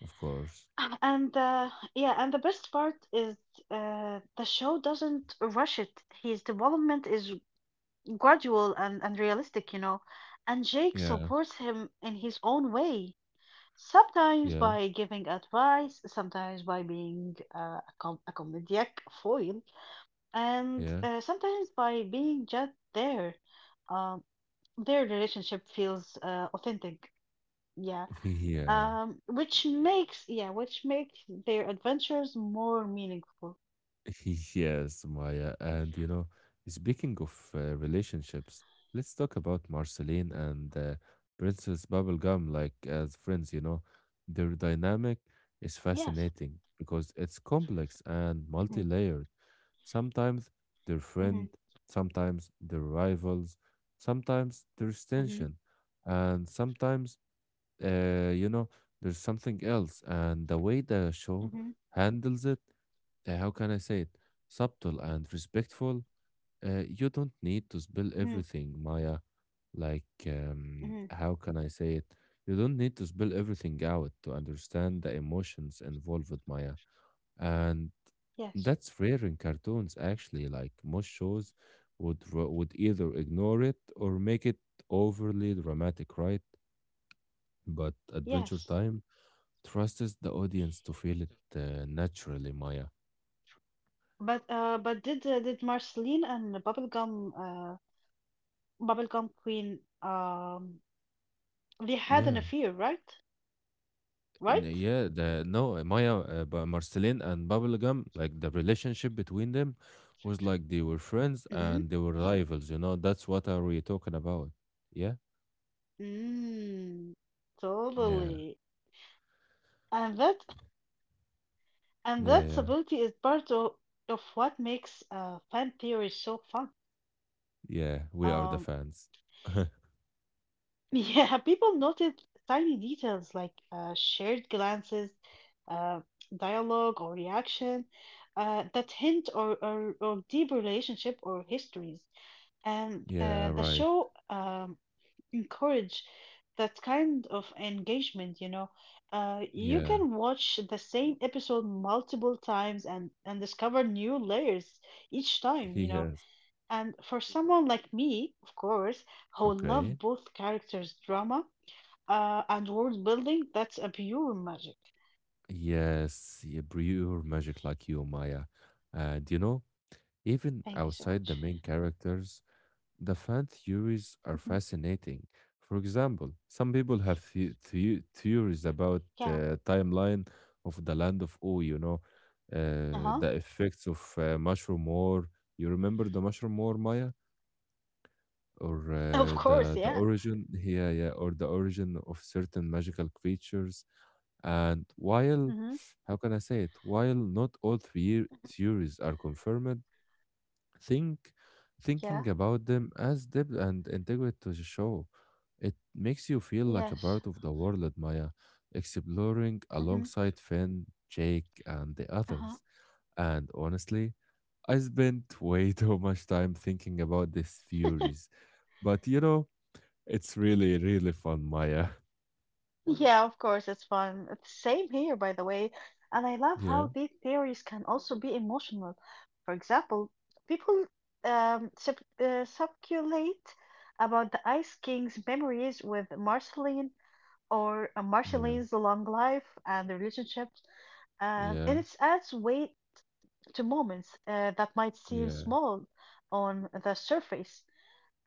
[SPEAKER 1] Of course.
[SPEAKER 2] And uh, yeah, and the best part is the show doesn't rush it. His development is gradual and realistic, you know. And Jake
[SPEAKER 1] Yeah,
[SPEAKER 2] supports him in his own way, sometimes
[SPEAKER 1] yeah,
[SPEAKER 2] by giving advice, sometimes by being a comedic foil, and
[SPEAKER 1] yeah.
[SPEAKER 2] sometimes by being just there. Um, their relationship feels authentic. Yeah.
[SPEAKER 1] Yeah.
[SPEAKER 2] Which makes their adventures more meaningful.
[SPEAKER 1] Yes, Maya. And you know, speaking of relationships, let's talk about Marceline and Princess Bubblegum, like as friends, you know. Their dynamic
[SPEAKER 2] Yes.
[SPEAKER 1] is fascinating because it's complex
[SPEAKER 2] Mhm.
[SPEAKER 1] and multi-layered. Sometimes they're
[SPEAKER 2] Mhm.
[SPEAKER 1] friend, sometimes they're rivals, sometimes there's
[SPEAKER 2] Mhm.
[SPEAKER 1] tension, and sometimes you know, there's something else. And the way the show
[SPEAKER 2] Mhm.
[SPEAKER 1] handles it, how can I say it? Subtle and respectful. You don't need to spill
[SPEAKER 2] Mhm.
[SPEAKER 1] everything, Maya. Like,
[SPEAKER 2] Mhm.
[SPEAKER 1] how can I say it? You don't need to spill everything out to understand the emotions involved, Maya. And
[SPEAKER 2] Yes.
[SPEAKER 1] that's rare in cartoons, actually. Like, most shows would either ignore it or make it overly dramatic, right? But Adventure
[SPEAKER 2] Yes.
[SPEAKER 1] Time trusts the audience to feel it naturally, Maya.
[SPEAKER 2] But did Marceline and the Bubblegum Queen they had an
[SPEAKER 1] Yeah.
[SPEAKER 2] affair, right? Right?
[SPEAKER 1] Yeah, the no Maya, but Marceline and Bubblegum, like the relationship between them was like they were friends
[SPEAKER 2] Mhm.
[SPEAKER 1] and they were rivals, you know. That's what are we talking about? Yeah.
[SPEAKER 2] Mm.
[SPEAKER 1] Yeah.
[SPEAKER 2] Totally. And that and
[SPEAKER 1] Yeah,
[SPEAKER 2] that
[SPEAKER 1] yeah.
[SPEAKER 2] stability is part of what makes fan theory so fun.
[SPEAKER 1] Yeah, we are the
[SPEAKER 2] Um,
[SPEAKER 1] fans.
[SPEAKER 2] yeah, people noted tiny details like shared glances, uh, dialogue or reaction that hint or deep relationship or histories. And
[SPEAKER 1] Yeah,
[SPEAKER 2] the
[SPEAKER 1] right.
[SPEAKER 2] show encourage that kind of engagement, you know. You
[SPEAKER 1] Yeah,
[SPEAKER 2] can watch the same episode multiple times and discover new layers each time, you
[SPEAKER 1] he
[SPEAKER 2] know.
[SPEAKER 1] has.
[SPEAKER 2] And for someone like me, of course, who love
[SPEAKER 1] Okay.
[SPEAKER 2] both characters' drama, and world building, that's a pure magic.
[SPEAKER 1] Yes, yeah, pure magic like you, Maya. And you know,
[SPEAKER 2] Thank you so
[SPEAKER 1] even
[SPEAKER 2] much.
[SPEAKER 1] outside the main characters, the fan
[SPEAKER 2] Hmm
[SPEAKER 1] theories are fascinating. For example, some people have
[SPEAKER 2] Yeah.
[SPEAKER 1] theories about the timeline of the land of O, you know,
[SPEAKER 2] Uh-huh.
[SPEAKER 1] the effects of mushroom war. You remember the mushroom war, Maya?
[SPEAKER 2] Of
[SPEAKER 1] Or
[SPEAKER 2] course, yeah.
[SPEAKER 1] the origin, yeah, yeah, or the origin of certain magical creatures. And while,
[SPEAKER 2] Mm-hmm.
[SPEAKER 1] how can I say it? While not all three theories are confirmed, think thinking
[SPEAKER 2] Yeah.
[SPEAKER 1] about them as depth and integrate to the show. It makes you feel like a
[SPEAKER 2] Yes.
[SPEAKER 1] part of the world, Maya, exploring
[SPEAKER 2] Mm-hmm.
[SPEAKER 1] alongside Finn, Jake, and the
[SPEAKER 2] Uh-huh.
[SPEAKER 1] others. And honestly, I spent way too much time thinking about these theories. But you know, it's really, really fun, Maya.
[SPEAKER 2] Yeah, of course, it's fun. It's same here, by the way. And I love how
[SPEAKER 1] Yeah,
[SPEAKER 2] these theories can also be emotional. For example, people sub speculate about the Ice King's memories with Marceline or
[SPEAKER 1] yeah,
[SPEAKER 2] Marceline's long life and the relationship, and
[SPEAKER 1] yeah,
[SPEAKER 2] it adds weight to moments that might seem
[SPEAKER 1] yeah,
[SPEAKER 2] small on the surface.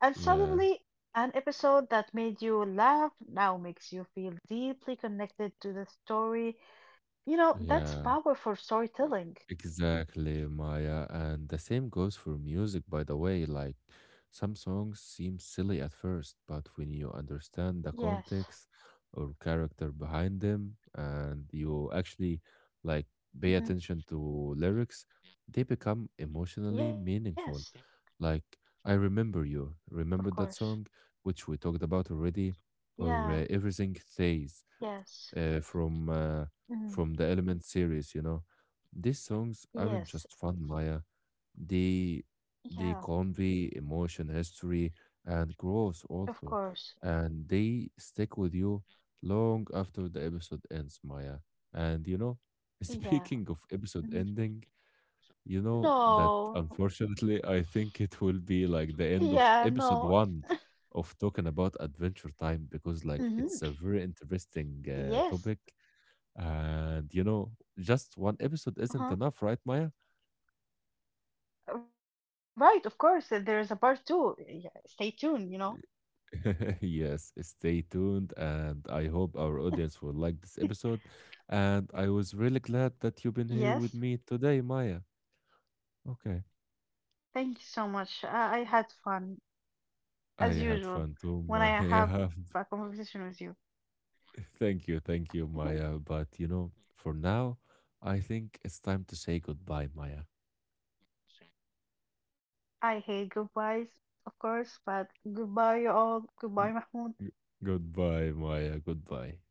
[SPEAKER 2] And
[SPEAKER 1] yeah,
[SPEAKER 2] suddenly, an episode that made you laugh now makes you feel deeply connected to the story. You know, that's
[SPEAKER 1] yeah.
[SPEAKER 2] powerful storytelling.
[SPEAKER 1] Exactly, Maya. And the same goes for music, by the way. Like, some songs seem silly at first, but when you understand the
[SPEAKER 2] Yes.
[SPEAKER 1] context or character behind them, and you actually like
[SPEAKER 2] hmm
[SPEAKER 1] pay attention to lyrics, they become
[SPEAKER 2] Yes,
[SPEAKER 1] emotionally meaningful. Like, I remember
[SPEAKER 2] of
[SPEAKER 1] you.
[SPEAKER 2] course.
[SPEAKER 1] Remember that song, which we talked about already,
[SPEAKER 2] Yeah,
[SPEAKER 1] or Everything Stays
[SPEAKER 2] yes.
[SPEAKER 1] uh, from uh,
[SPEAKER 2] Mhm.
[SPEAKER 1] from the Element series. You know, these songs aren't
[SPEAKER 2] Yes,
[SPEAKER 1] just fun, Maya. They they
[SPEAKER 2] yeah,
[SPEAKER 1] convey emotion, history, and growth
[SPEAKER 2] of
[SPEAKER 1] also,
[SPEAKER 2] course.
[SPEAKER 1] and they stick with you long after the episode ends, Maya. And you know,
[SPEAKER 2] Yeah.
[SPEAKER 1] speaking of episode
[SPEAKER 2] hmm
[SPEAKER 1] ending, you know that
[SPEAKER 2] No,
[SPEAKER 1] unfortunately, I think it will be like the end of
[SPEAKER 2] yeah,
[SPEAKER 1] episode
[SPEAKER 2] no.
[SPEAKER 1] one of talking about Adventure Time because
[SPEAKER 2] hmm
[SPEAKER 1] like it's a very interesting
[SPEAKER 2] Yes.
[SPEAKER 1] topic and you know, just one episode isn't
[SPEAKER 2] Uh-huh.
[SPEAKER 1] enough, right, Maya?
[SPEAKER 2] Right, of course, there is a part two. Yeah, stay tuned, you know.
[SPEAKER 1] Yes, stay tuned. And I hope our audience will like this episode. And I was really glad that you've been here
[SPEAKER 2] Yes,
[SPEAKER 1] with me today, Maya. Okay.
[SPEAKER 2] thank you so much. I had fun,
[SPEAKER 1] I
[SPEAKER 2] as
[SPEAKER 1] had fun
[SPEAKER 2] usual,
[SPEAKER 1] too,
[SPEAKER 2] when I
[SPEAKER 1] Maya.
[SPEAKER 2] have a conversation with you.
[SPEAKER 1] Thank you, thank you, Maya. But you know, for now, I think it's time to say goodbye, Maya.
[SPEAKER 2] I hate goodbyes, of course, but goodbye, you all. Goodbye,
[SPEAKER 1] G-
[SPEAKER 2] Mahmoud.
[SPEAKER 1] g- Goodbye, Maya. Goodbye.